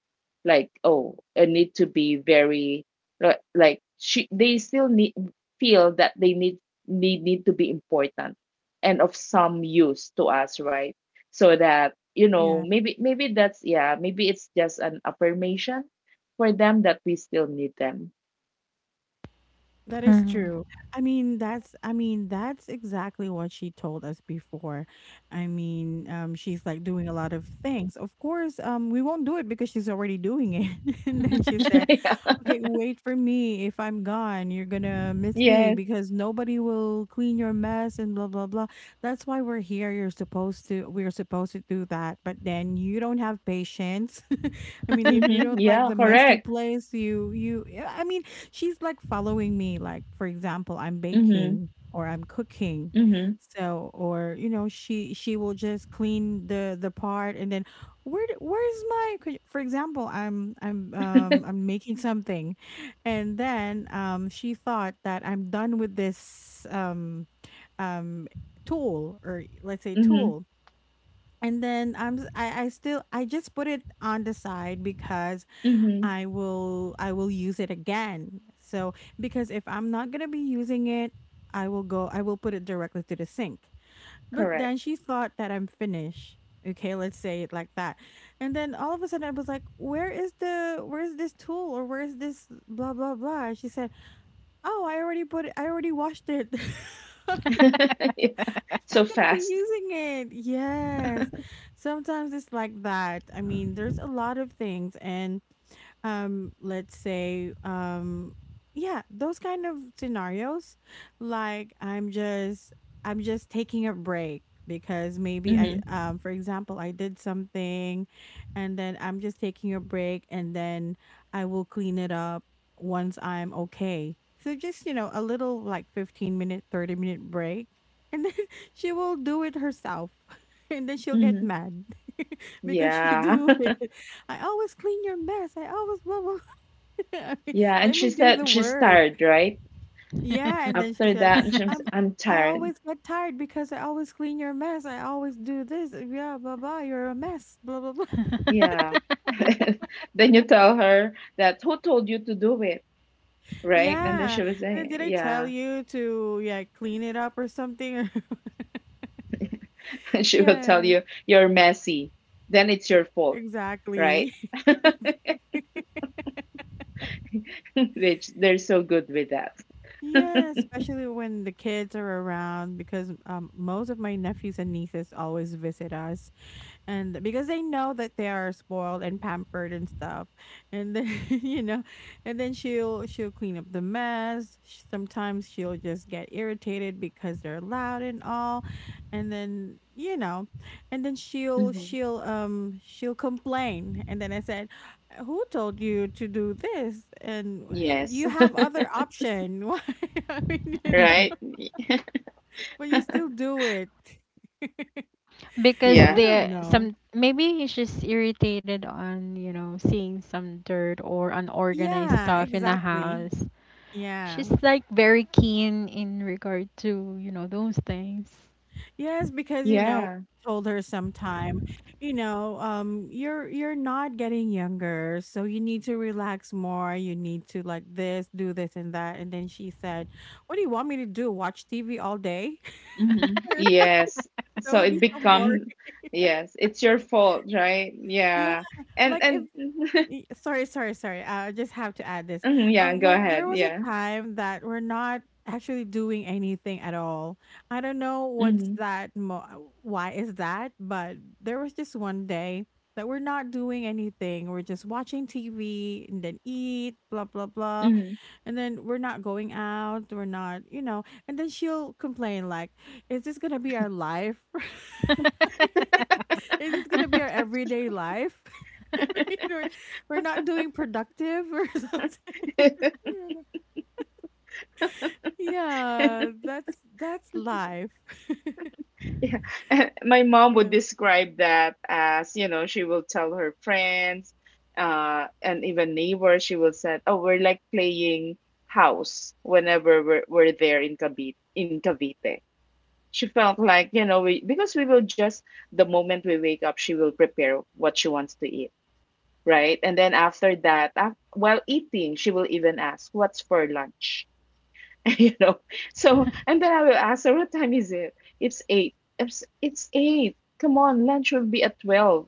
Like, oh, I need to be very like, she they still need, feel that they need to be important and of some use to us, right? So that,
Yeah.
maybe that's, yeah, maybe it's just an affirmation for them, that we still need them.
That is
Mhm.
true. I mean, that's exactly what she told us before. I mean, she's like doing a lot of things. Of course, we won't do it because she's already doing it. *laughs* And then she
*laughs*
*laughs*
said,
Yeah.
Okay, wait for me. If I'm gone, you're gonna miss me
Yes.
because nobody will clean your mess and blah blah blah. That's why we're here. You're supposed to we're supposed to do that, but then you don't have patience. *laughs* I mean, if you
Mm-hmm.
don't like
Yeah.
the messy
Correct.
place, you yeah, I mean, she's like following me, like for example, I'm
Mm-hmm.
baking or I'm cooking.
Mm-hmm.
So, or she will just clean the part. And then where d- where's my could- for example, I'm making something. And then she thought that I'm done with this um tool, or let's say
Mm-hmm.
tool. And then I'm s- I still I just put it on the side because
Mm-hmm.
I will use it again. So because if I'm not going to be using it, I will put it directly to the sink. But
Correct.
then she thought that I'm Finnish. Okay, let's say it like that. And then all of a sudden, I was like, Where is the Where's this tool, or where's this blah blah blah?" And she said, "Oh, I already washed it." *laughs* I'm
*laughs* Yeah. So
not gonna be
fast.
using it. Yes. Sometimes it's like that. I mean, there's a lot of things. And let's say, yeah, those kind of scenarios, like I'm just taking a break because maybe,
Mm-hmm.
I for example, I did something. And then I'm just taking a break, and then I will clean it up once I'm okay. So just a little, like, 15 minute 30-minute break. And then *laughs* she will do it herself, *laughs* and then she'll get
Mm-hmm.
mad *laughs* because she
Yeah.
do it. "I always clean your mess. I always blah, blah." *laughs* I mean,
Yeah, and
let
she
me do the
said she's
work.
tired, right?
Yeah. And then she
After
said,
that, and she's,
um,
"I'm
"I
tired."
always get tired because I always clean your mess. I always do this. Yeah, blah blah. You're a mess. Blah blah blah."
Yeah. *laughs* Then you tell her that, "Who told you to do it,
*laughs*
right?" And then
Yeah.
she will
And then,
say,
"Did I tell
yeah.
you to, yeah, clean it up or something?" *laughs*
*laughs* She will tell
Yes,
you, "You're messy. Then it's your fault," right?
exactly. *laughs* Exactly. *laughs*
*laughs* Which they're so good with that.
Yeah, especially when the kids are around, because most of my nephews and nieces always visit us. And because they know that they are spoiled and pampered and stuff, and then, *laughs* and then she'll clean up the mess. Sometimes she'll just get irritated because they're loud and all, and then, and then she'll
Hmm.
she'll um she'll complain. And then I said, "Who told you to do this? And
Yes.
you have
*laughs*
other option. *laughs* Why? I mean,
Right? Y-
*laughs* but you still do it." *laughs*
Because
I
Yeah.
don't
there
know.
some, maybe she's irritated on, seeing some dirt or unorganized
Yeah,
stuff in the
exactly.
house. She's
Yeah.
like very keen in regard to, those things. *laughs*
Yes, because,
Yeah.
I told her sometime, you're not getting younger, so you need to relax more. You need to, like, this, do this and that." And then she said, "What do you want me to do? Watch TV all day?"
Hmm.
*laughs*
Yes.
That
So
would
it
be so boring.
becomes,
*laughs*
yes, it's your fault, right?
Yeah,
Yeah. And
like if
and *laughs*
Y- Sorry, sorry, sorry, I just have to add this.
Mhm, yeah,
um
go
like there
ahead.
was a
Yeah.
time that we're not actually doing anything at all. I don't know
Mhm.
why is that, but there was just one day that we're not doing anything. We're just watching tv, and then eat blah blah blah.
Mhm.
And then we're not going out, we're not, you know. And then she'll complain like, "Is this gonna be our life? *laughs* Is this gonna be our everyday life?" *laughs* we're, we're not doing productive or *laughs* something.
*laughs*
You know? Yeah, that's life.
Yeah. *laughs* My
*laughs*
mom would
Yeah.
describe that as, she will tell her friends, and even neighbors, she will say, "Oh, we're like playing house whenever we're there in Cavite, in Cavite." She felt like, we because we will just the moment we wake up, she will prepare what she wants to eat, right? And then after that, af while eating, she will even ask, "What's for lunch?" *laughs* you know. So and then I will ask her, "What time is it?" "It's eight. It's eight. Come on, lunch will be at 12,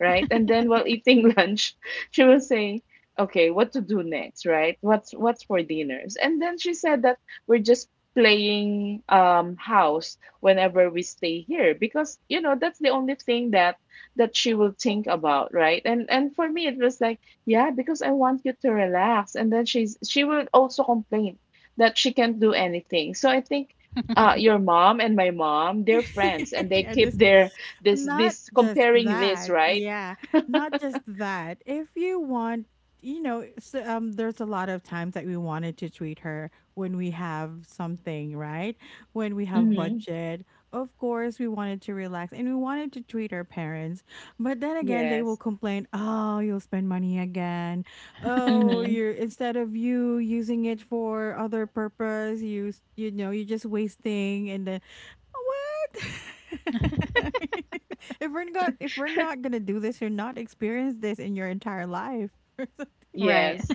right?" And then, while eating *laughs* lunch, she will say, okay, what to do next, right? What's for dinners? And then she said that we're just playing house whenever we stay here, because that's the only thing that she will think about, right? And for me it was like, yeah, because I want you to relax, and then she will also complain that she can't do anything. So I think, your mom and my mom, they're friends, and
*laughs*
they
Yeah,
keep
this
their this
not
this
just
comparing list,
that.
right?
Yeah. Not just that. If you want, so, there's a lot of times that we wanted to treat her when we have something, right? When we have
Mm-hmm.
budget. Of course, we wanted to relax, and we wanted to treat our parents. But then again, they
Yes.
will complain, "Oh, you'll spend money again. Oh,
Mm-hmm.
you're instead of you using it for other purpose, you're just wasting and then what?" *laughs* If we're not if we're not gonna do this, you're not experienced this in your entire life. *laughs*
Right.
Yes.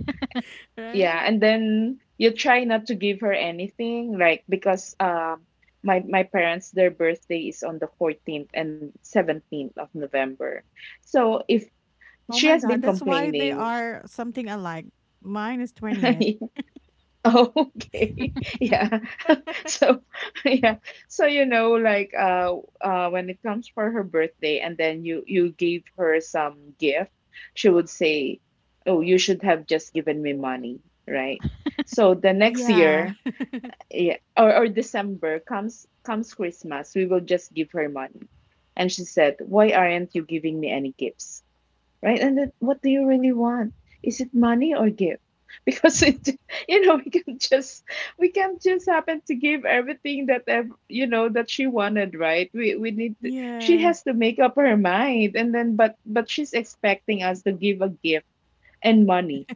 Yeah.
Right?
And then you try not to give her anything, like, because my parents, their birthday is on the 14th and 17th of November. So if
Oh
she
my
has been
god, that's why they
complaining,
are something alike. Mine is 20th.
*laughs* Oh, *laughs* okay. Yeah. *laughs* So, *laughs* yeah. So, you know, like, when it comes for her birthday, and then you gave her some gift, she would say, "Oh, you should have just given me money," right? So the next
Yeah.
year, yeah, or December comes Christmas, we will just give her money. And she said, "Why aren't you giving me any gifts?" Right? And then what do you really want? Is it money or gift? Because it, *laughs* you know, we can just we can just happen to give everything that that she wanted, right? We need to, she
Yes.
has to make up her mind, and then but she's expecting us to give a gift and money,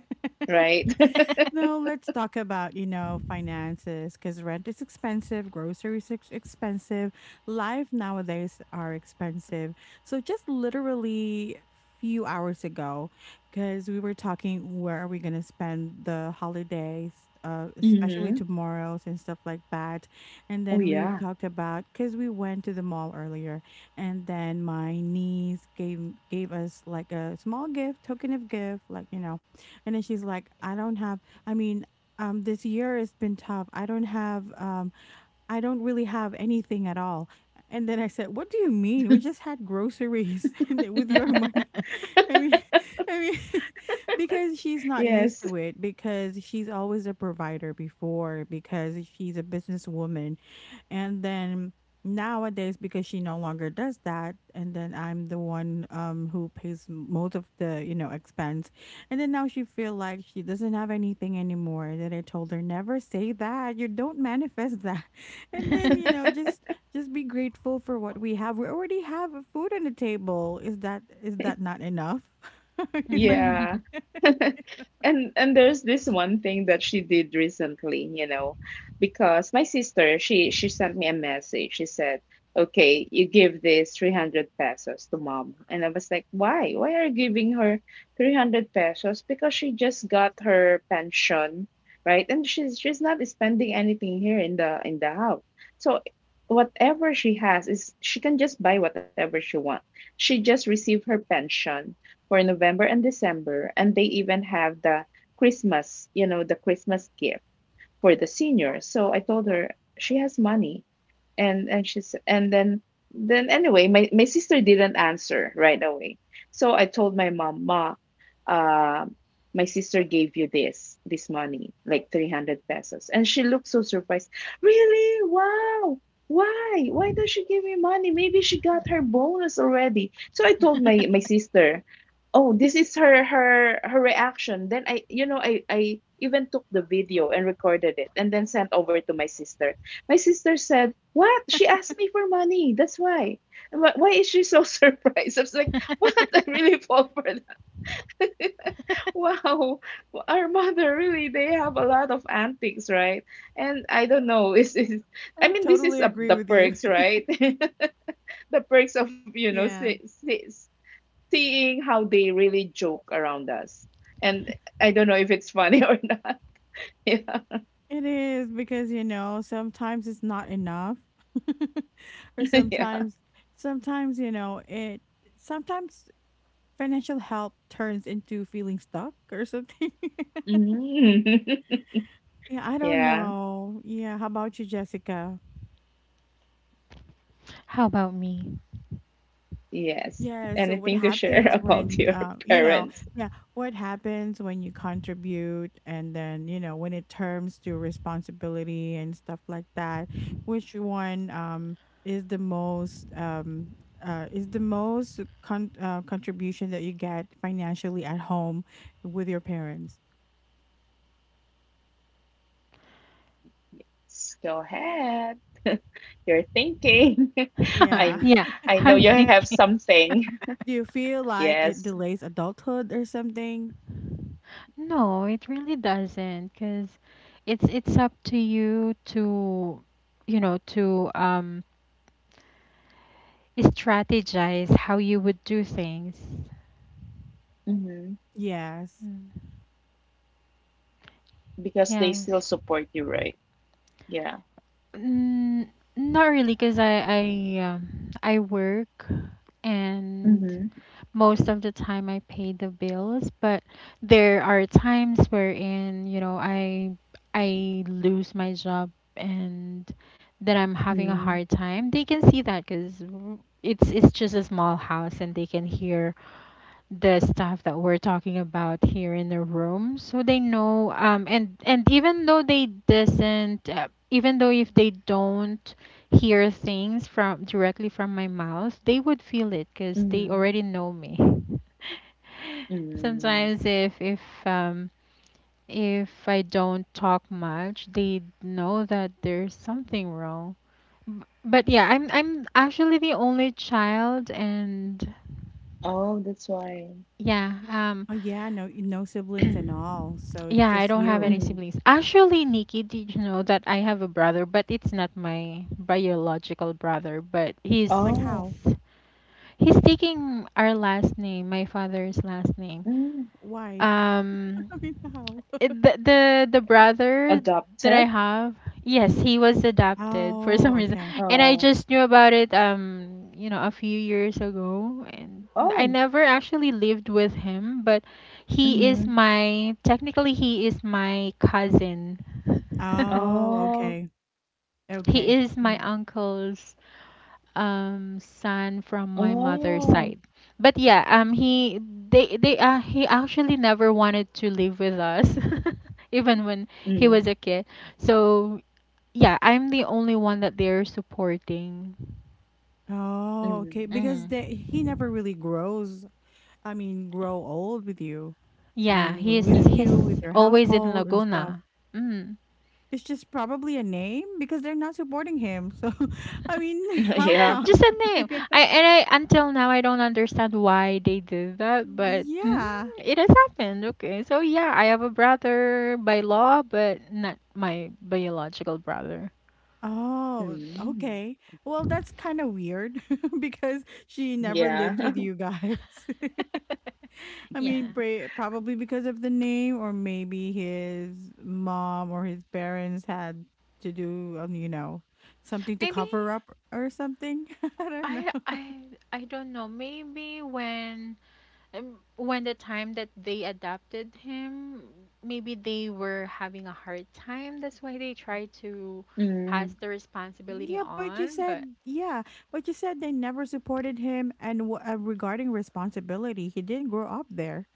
right? *laughs*
No, let's talk about, finances, because rent is expensive, groceries expensive, life nowadays are expensive. So, just literally few hours ago, because we were talking where are we gonna spend the holidays, especially
Hmm.
tomorrow's and stuff like that. And
Oh
then we've
yeah,
talked about, because we went to the mall earlier, and then my niece gave us, like, a small gift, token of gift, like, and then she's like, I don't have I mean, this year has been tough. I don't really have anything at all." And then I said, "What do you mean? We just had groceries *laughs* and with your money." *laughs* I mean, *laughs* I mean, *laughs* because she's not used
yes.
to it, because she's always a provider before, because she's a businesswoman. And then nowadays, because she no longer does that, and then I'm the one who pays most of the, expense. And then now she feel like she doesn't have anything anymore. And then I told her, "Never say that. You don't manifest *laughs* that." And then, just be grateful for what we have. We already have food on the table. Is that not
*laughs*
enough? *laughs* I mean, like,
Yeah. *laughs* And there's this one thing that she did recently, because my sister, she sent me a message. She said, "Okay, you give this 300 pesos to mom." And I was like, "Why? Why are you giving her 300 pesos, because she just got her pension, right? And she's not spending anything here in the house. So whatever she has is she can just buy whatever she wants. She just received her pension for November and December, and they even have the Christmas, the Christmas gift for the seniors. So I told her she has money and she's and then anyway my sister didn't answer right away, so I told my mom, "Ma, uh, my sister gave you this money, like 300 pesos." And she looked so surprised. "Really? Wow. Why does she give me money? Maybe she got her bonus already." So I told my
*laughs*
sister, "Oh, this is her reaction." Then I you know I even took the video and recorded it and then sent over to my sister. My sister said, "What? She asked me for money. That's why." Why is she so *laughs* surprised? I was like,
*laughs*
what? *laughs* I really fall for that. *laughs* Wow. Our mother really, they have a lot of antics, right? And I don't know. *laughs* Is
*laughs*
I
I
mean, this is
totally
a,
agree
the
with you.
perks,
*laughs*
right? *laughs* The perks of, you know,
Yeah,
see, seeing how they really joke around us. And I don't know if it's funny *laughs* or not. Yeah.
it is because sometimes it's not enough, *laughs* or
*laughs* Yeah.
sometimes, it, sometimes financial help turns into feeling stuck or something.
Mhm.
*laughs* Yeah, I
*laughs*
don't
Yeah.
know. Yeah, how about you, Jessica?
How about me?
Yes.
Yeah, so what
Anything to share *laughs*
happens
about
when,
your parents?
yeah, what happens when you contribute? And then, when it turns to responsibility and stuff like that, which one is the most um is the most contribution that you get financially at home with your parents?
Go ahead. *laughs* You're thinking. *laughs*
Yeah.
I
Yeah.
*laughs*
I know you
Like...
have something. *laughs*
Do you feel like it
Yes.
delays adulthood or something?
No, it really doesn't, because it's up to you to, you know to um strategize how you would do things.
Hmm.
Yes.
Mm.
Because they still
Yes.
support you, right? Yeah.
Mm, not really, because I work, and
Mm-hmm.
most of the time I pay the bills. But there are times wherein, I lose my job and that I'm having a
Mm-hmm.
hard time. They can see that, 'cuz it's just a small house and they can hear the stuff that we're talking about here in the room. So they know, and even though they doesn't, even though if they don't hear things from directly from my mouth, they would feel it because they
Mm-hmm.
already know me.
Mm.
Sometimes um if I don't talk much, they know that there's something wrong. But yeah, I'm actually the only child. And
Oh, that's why.
yeah,
Oh yeah, no, no siblings and all, so
*clears throat*
it's
yeah, I
just
don't have any
you.
Mm.
siblings. Actually, Nikki, did you know that I have a brother, but it's not my biological brother? But he's
Like
Oh.
how?
he's taking our last name, my father's last name.
Mm.
Why?
Um
*laughs* I mean, how?
It,
*laughs*
the brother that I
Adopted?
have, yes, he was adopted for *laughs*
Oh,
some reason.
okay.
And I
Oh.
just knew about it, a few years ago. And I
Oh.
never actually lived with him, but he is
Mm-hmm.
my technically, he is my cousin. *laughs*
Oh,
Oh.
okay.
He
Okay.
is my
Mm.
uncle's son from my mother's side.
Oh.
But yeah, he they he actually never wanted to live with us *laughs* even when he was
Mm.
a kid. So yeah, I'm the only one that they're supporting.
Oh, okay.
Mm.
Because
Mm.
he never really grows. I mean, grow old with you. I
Yeah,
mean,
he's
with
Mm.
you, with
he's
your
always in
household and stuff.
Laguna. Mm.
It's just probably a name, because they're not supporting him. So, *laughs* I mean, *laughs*
*laughs*
how
Yeah.
come?
Just a name.
*laughs* Yeah.
I and I until now I don't understand why they did that, but
Yeah.
it has happened. Okay, so yeah, I have a brother by law, but not my biological brother.
Oh,
Mm.
okay. Well, that's kind of weird *laughs* because she never
Yeah.
lived with
*laughs*
you guys. *laughs*
*laughs*
I mean,
Yeah.
probably because of the name, or maybe his mom or his parents had to do, something to
Maybe,
cover up or something. *laughs* I don't know.
I I I don't know. Maybe, when the time that they adopted him, maybe they were having a hard time. That's why they tried to
Mm.
pass the responsibility
Yeah, but you
on,
said,
but...
yeah, but you said they never supported him. And regarding responsibility, he didn't grow up there.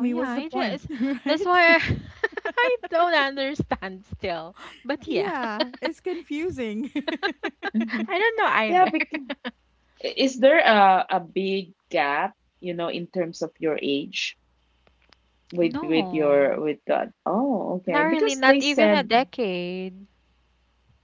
I mean, what's
yeah,
the
it
point,
is.
*laughs*
That's
right?
why I,
*laughs*
*laughs* I don't understand still. But yeah,
Yeah, it's
*laughs*
confusing. *laughs*
Mhm.
I don't know
Yeah,
either.
because
*laughs*
is there a big gap, you know, in terms of your age with
No,
your with that? Oh,
not
okay.
really,
Because
not
they
even a
said,
decade.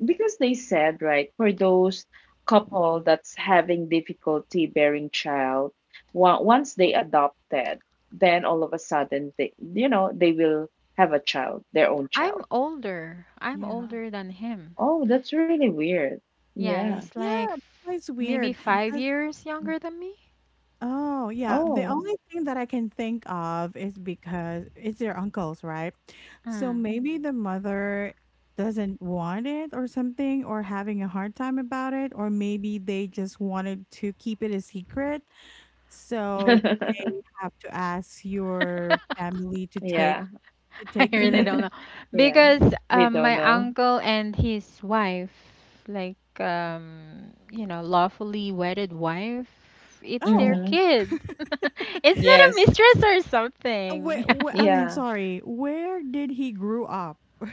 right, for those couple that's having difficulty bearing child, once they adopted, then all of a sudden, they, you know, they will have a child, their own
I'm
child.
older. I'm
Yeah.
older than him.
Oh, that's really weird.
Yeah,
Yeah.
it's like
Yeah, that's
f
why it's
maybe
weird.
five
That's
years younger than me.
Oh, yeah. The
Oh.
only thing that I can think of is because it's their uncles, right? So
Hmm.
maybe the mother doesn't want it or something, or having a hard time about it, or maybe they just wanted to keep it a secret. So they
*laughs*
have to ask your family to take
Yeah.
*laughs* I
the
really don't
name.
know,
*laughs* Yeah.
because
We don't
my
know.
uncle and his wife, like, lawfully wedded wife, it's their
Oh,
Mhm.
kid. *laughs* It's not a
Yes.
mistress or something. *laughs*
I mean,
Yeah.
sorry. Where did he grew up? *laughs*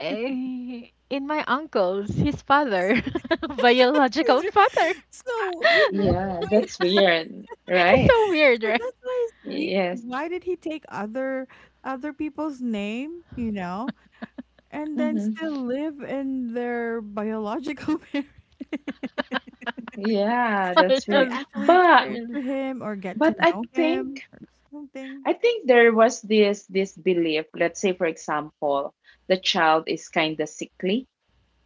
Eh, in my uncle's, his
It's-
father, *laughs* biological
it's-
father.
so you know
Yeah. It's
*laughs*
weird,
It's
right?
so weird,
So
right?
that's why it's weird.
Yeah.
Why did he take other people's name,
*laughs*
and then
Mhm.
still live in their biological *laughs* parents?
Yeah,
I
that's
Have you
weird.
don't
actually
But
spoke
really-
to him or get to
but
know him or something?
I think there was this belief. Let's say, for example, the child is kind of sickly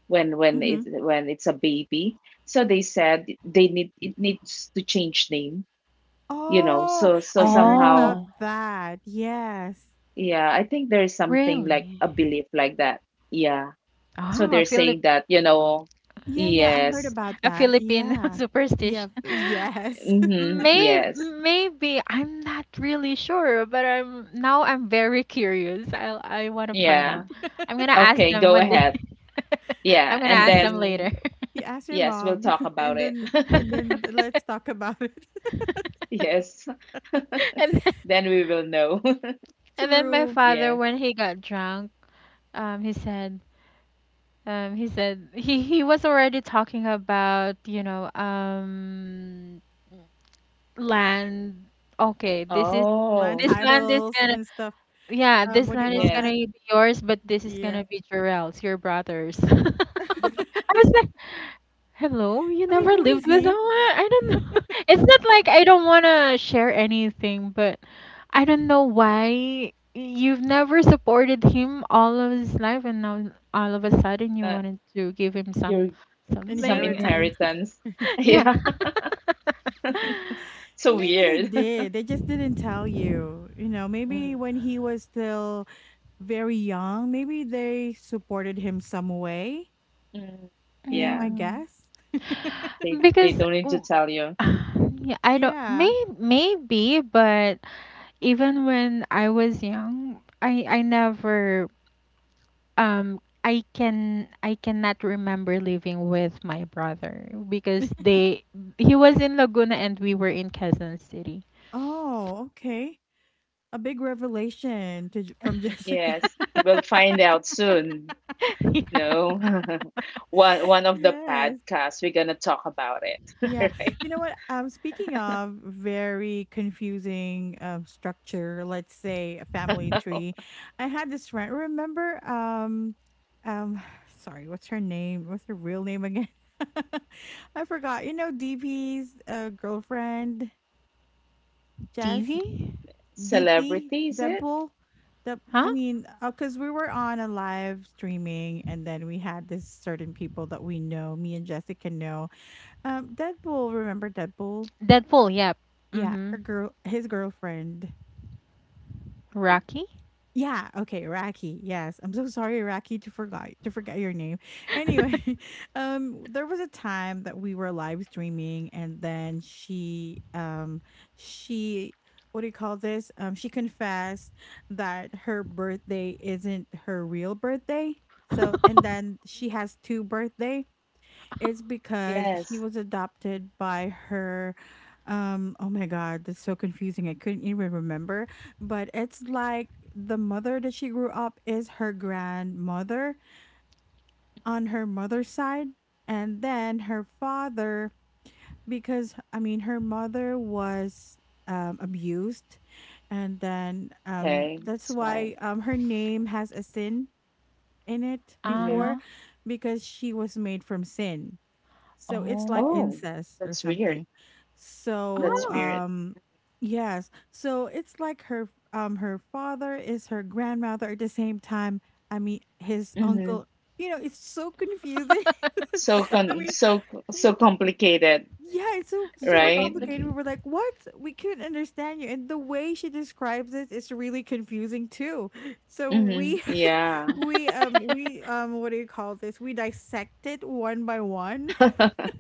when
Hmm.
it's a baby. So they said they need, it needs to change name. You know,
Oh,
so so
I heard about
somehow,
Oh,
that. Yes.
yeah, I think there's something like a
really?
belief like that. Yeah. So they're
Ah,
saying
Philip
that, you know,
Yeah, yeah, I heard
yes.
about
a
that.
Philippine *laughs*
Yeah. Yeah,
superstition.
yes. *laughs*
Mm-hmm. Yeah.
Maybe I'm not really sure, but I'm very curious. I want to find
Yeah.
out. I'm gonna ask
Okay,
them
go
one day.
ahead.
*laughs* I'm
Yeah.
gonna
And
Yeah,
ask them later.
then,
you ask your
yes, we'll
mom
talk
*laughs*
about
and
it.
then
*laughs*
*laughs* And
let's talk about it.
Yes.
then,
Then we will know. *laughs*
*laughs*
my
True.
father,
Yeah.
when he got drunk, um, he said, he said he was already talking about, land. Okay,
Land
Oh,
this land is
titles
gonna,
and stuff.
yeah,
Um,
this
what do you
land
call
is gonna
yes.
that?
be yours, but this is
Yeah.
gonna be Jarrell's, your brother's. *laughs*
*laughs*
Mhm.
I was
I
like, hello, you
mean,
never
who is
lived with them?
he?
I don't know. *laughs* It's not like I don't wanna share anything, but I don't know why you've never supported him all of his life, and now all of a sudden you
Uh,
wanted to give him
your some
something. *laughs*
Inheritance.
inheritance. *laughs*
Yeah.
Yeah.
*laughs*
So
Maybe they
weird.
did. They just didn't tell you. You know,
*laughs*
maybe
Mhm.
when he was still very young, maybe they supported him some way.
Mhm.
You know, I
Yeah.
Mm.
guess.
They
Because
don't need to tell you.
*sighs* yeah, I don't,
Yeah.
maybe, but... Even when I was young, I never, um I cannot remember living with my brother, because
*laughs*
they he was in Laguna and we were in Quezon City.
Oh, okay. A big revelation to, from Jessica.
Yes. We'll
*laughs*
find out soon.
Yeah.
No. *laughs* One
*laughs*
of the
Yes.
podcasts we're gonna talk about it, *laughs*
Yeah.
right?
You know what? Speaking of very confusing structure, let's say a family tree, I had this friend. Remember, um, *sighs* sorry, what's her name? What's her real name again? *laughs* I forgot. DP's girlfriend, Jess,
TV?
DP,
Celebrity, is it?
Deadpool.
Huh?
I mean, because we were on a live streaming, and then we had this certain people that we know, me and Jessica know. Deadpool, remember Deadpool?
Deadpool, yep.
Yeah, her
Mhm.
girl his girlfriend.
Mhm.
Rocky?
Yeah, okay, Raki. Yes. I'm so sorry, Raki, to forgot to forget your name. Anyway,
*laughs*
*laughs* there was a time that we were live streaming, and then she what do you call this? She confessed that her birthday isn't her real birthday. So and
Uh-huh.
then she has two birthday, it's because
Yes.
she was adopted by her. Oh my god, that's so confusing. I couldn't even remember, but it's like the mother that she grew up is her grandmother on her mother's side and then her father, because I mean her mother was abused and then
Okay.
that's
That's why.
why her name has a sin in it
Hmm.
before, because she was made from sin, so it's
Oh.
like
Oh,
incest or
that's weird.
something.
That's
So
Oh.
weird.
um yes. So it's like her her father is her grandmother at the same time. I mean his
Hmm.
uncle. You know, it's so confusing. *laughs*
*laughs*
So
I
con
mean,
so so
w-
complicated,
yeah, it's so
It's so
super
right?
complicated. We
complicated.
were like, "What? We couldn't understand you." And the way she describes it is really confusing too. So
Hmm.
we *laughs*
Yeah.
we
*laughs*
we what do you call this? We dissect it one by one.
*laughs*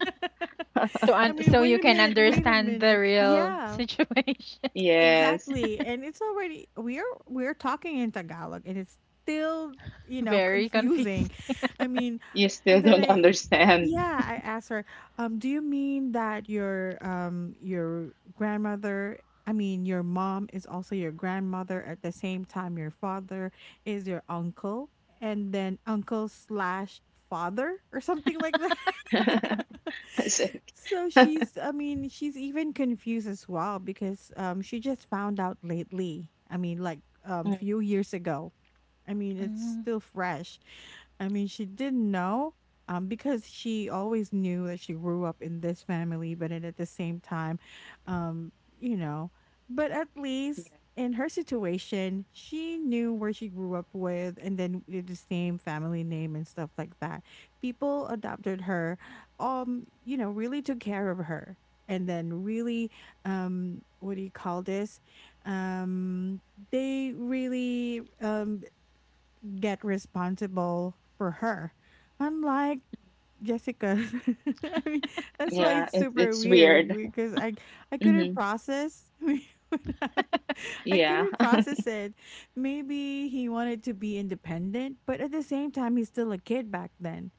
*laughs* I mean,
So you
wait a
can
minute, wait a
understand the
minute.
real
Yeah,
situation.
Yes.
exactly.
*laughs*
And it's already we're talking in Tagalog and it's still, you know,
Very confusing.
confusing. I mean,
You still
and then
don't
I
understand.
yeah, I asked her, do you mean that your grandmother, I mean, your mom is also your grandmother at the same time your father is your uncle, and then uncle slash father or something like.
*laughs*
*laughs*
*laughs*
Is it?
So
*laughs*
she's, I mean, she's even confused as well because she just found out lately. I mean, like
Mm.
few years ago. I mean, it's
Mm.
still fresh. I mean, she didn't know because she always knew that she grew up in this family, but then at the same time, um, you know, but at
Yeah,
least in her situation, she knew where she grew up with and then with the same family name and stuff like that. People adopted her, you know, really took care of her, and then really what do you call this, um they really get responsible for her, unlike Jessica. *laughs* I mean, that's why
yeah,
it's super
it's
weird
weird.
because I couldn't
Hmm.
process. *laughs* I mean, *laughs* I
Yeah.
couldn't
*laughs*
process it. Maybe he wanted to be independent, but at the same time, he's still a kid back then.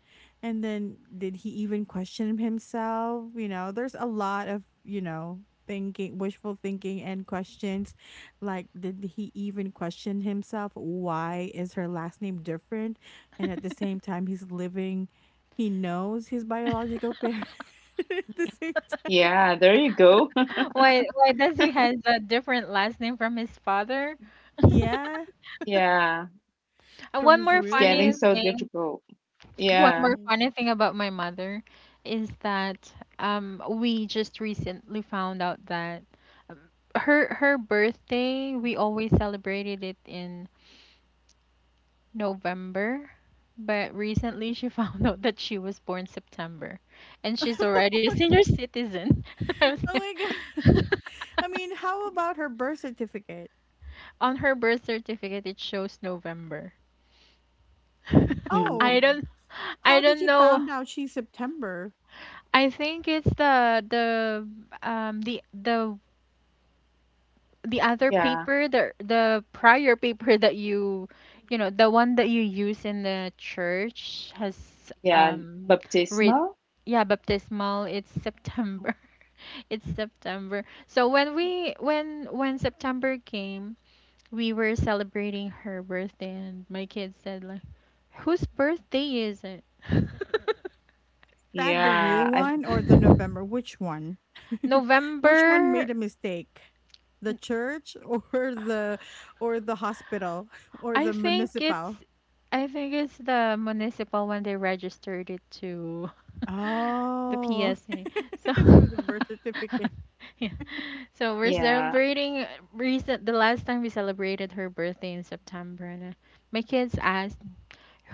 And then, did he even question himself? You know, there's a lot of, you know, thinking, wishful thinking, and questions. Like, did he even question himself? Why is her last name different? And at the same time, he's living, he knows his biological parent *laughs* at the same time.
Yeah, there you go.
Why does he has a different last name from his father? *laughs*
Yeah,
Yeah,
And
from
one
his
more
it's
real
getting
funny
one.
so
thing,
difficult. Yeah.
Yeah.
about my mother is that we just recently found out that, um, her birthday, we always celebrated it in November, but recently she *laughs* found out that she was born September, and she's already a senior citizen. *laughs* I was
Oh
like-
my
*laughs*
god. *laughs* I mean, how about her birth certificate?
On her birth certificate, it shows November. *laughs*
Oh,
I
Mhm.
don't, I
how did
don't
you
know.
found out she's September?
I think it's um the the the other
Yeah.
paper, the prior paper that you, the one that you use in the church has,
Yeah.
um read
Baptismal?
yeah, baptismal, it's September. *laughs* It's September. So when we, when September came, we were celebrating her birthday and my kids said like, "Whose birthday is it?"
That the real
Yeah.
one or the November? Which one? *laughs*
*laughs*
Which one made
November.
a mistake? The church *laughs* the or the hospital *laughs* or
I
the
think
municipal?
it's I think it's the municipal when they registered it to *laughs* the
Oh, *laughs*
PSA. So,
okay, so the birth certificate.
*laughs* yeah. So we're
Yeah,
celebrating recent the last time we celebrated her birthday in September. And, my kids asked,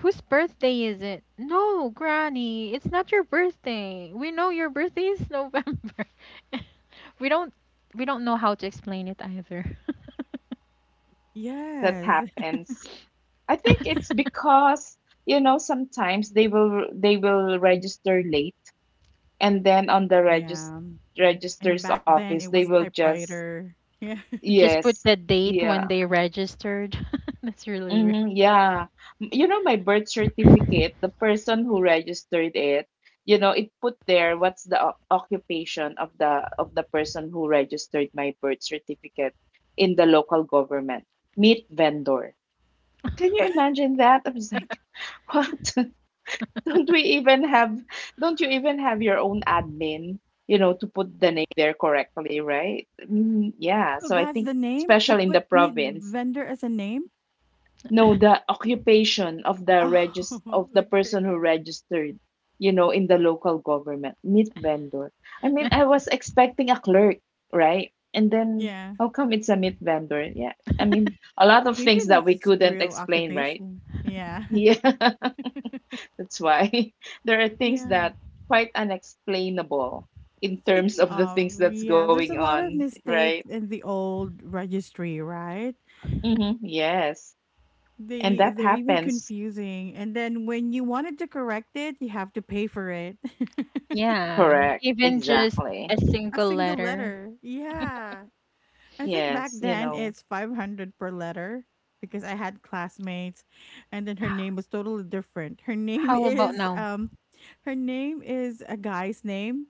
"Whose birthday is it? No, Granny, it's not your birthday. We know your birthday is November." *laughs* we don't we don't know how to explain it either.
that
Yes. *laughs*
happens. I think
*laughs*
it's because, you know, sometimes they will register late, and then on the
Yeah. And
register's
back
office
then it
they
was
will just,
typewriter. *laughs* Yeah.
Just put
yes.
the date when
Yeah.
they registered. *laughs* That's really
Mm-hmm, yeah. You know, my birth
weird.
certificate, the person who registered it, you know, it put there what's the occupation of the person who registered my birth certificate in the local government. Meat vendor. Can you imagine that? I was like, *laughs* what? *laughs* Don't we even have don't you even have your own admin, you know, to put the name there correctly, right? I mean, yeah.
So
So I
that's
think
the name? They
especially in the
put meat
province,
vendor as a name?
no, the occupation of the
Oh, *laughs* okay.
person who registered, you know, in the local government, meat vendor. I mean, I was expecting a clerk, right? And then
Yeah.
how come it's a meat vendor? Yeah. I mean, a lot of
Maybe
things that
that's
we
his
couldn't
real
explain, right?
occupation. Yeah.
Yeah.
*laughs*
*laughs* That's why *laughs* there are things
Yeah.
that quite unexplainable in terms
Speaking
of the
of,
things that's
yeah,
going
there's a lot
on,
of
right?
mistakes in the old registry, right?
Mm-hmm. Yes. And
They
that
they're even
happens.
confusing. And then when you wanted to correct it, you have to pay for it. *laughs*
Yeah,
Correct.
even just a
Exactly.
A
single
single
letter.
letter. Yeah. I think back
Yes, you
then
know.
it's 500 per letter because I had classmates and then her name was totally different. Her *laughs* name
How about
is
now?
her name is a guy's name,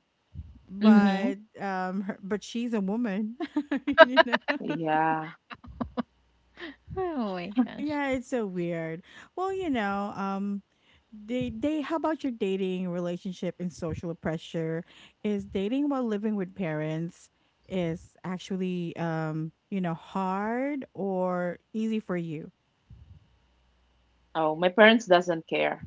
Hmm.
Mhm.
but her, but she's a woman. *laughs* You know.
Yeah.
Oh my gosh.
Yeah, it's so weird. Well, you know, they, how about your dating relationship and social pressure? Is dating while living with parents is actually, you know, hard or easy for you?
Oh, my parents doesn't care.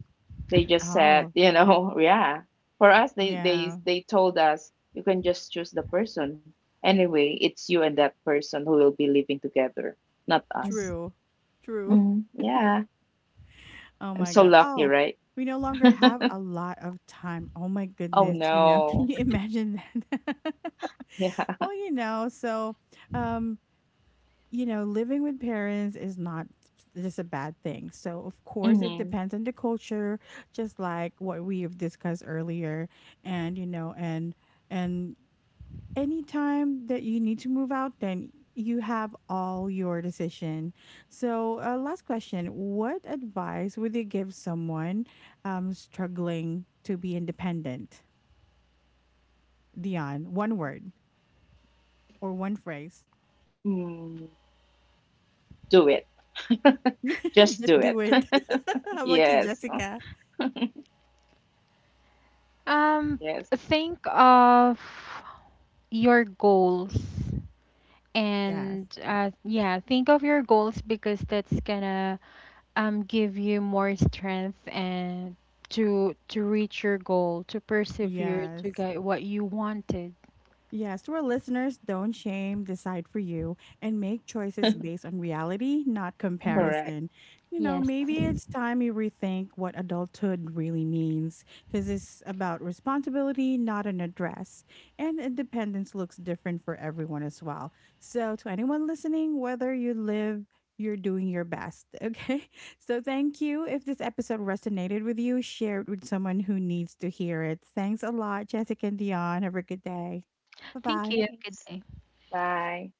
They just said,
Oh,
you know, *laughs* yeah. For us, they they
yeah.
they told us you can just choose the person. Anyway, it's you and that person who will be living together, not us.
True. True.
Hmm.
*laughs*
Yeah.
Oh
I'm
my
so
god.
lucky,
Oh,
right?
we no longer have
*laughs*
a lot of time. Oh my
Oh
goodness, you know, *laughs* can
no.
you imagine that? *laughs*
Yeah.
Well, you know, so um you know, living with parents is not just a bad thing. So, of course, it
Hmm.
depends on the culture, just like what we've discussed earlier. And, you know, and anytime that you need to move out, then you have all your decision. So, last question: what advice would you give someone struggling to be independent? Dion, one word or one phrase.
Mm. Do it. *laughs*
*laughs*
Just
Just
do
do
it.
it.
*laughs*
*laughs* How about you,
Yes.
Jessica?
Um,
Yes.
think of your goals.
Yes.
And, yeah, think of your goals because that's gonna, give you more strength and to reach your goal, to persevere to
Yes.
get what you wanted.
Yes, to our listeners, don't shame, decide for you, and make choices based on reality, not
Mhm.
Correct.
comparison. You know,
Yes.
maybe it's time you rethink what adulthood really means, because it's about responsibility, not an address. And independence looks different for everyone as well. So, to anyone listening, whether you live, you're doing your best, okay? *laughs* So, thank you. If this episode resonated with you, share it with someone who needs to hear it. Thanks a lot, Jessica and Dion. Have a good day. Bye
Thank
bye.
you. Good
Thanks.
day.
Bye.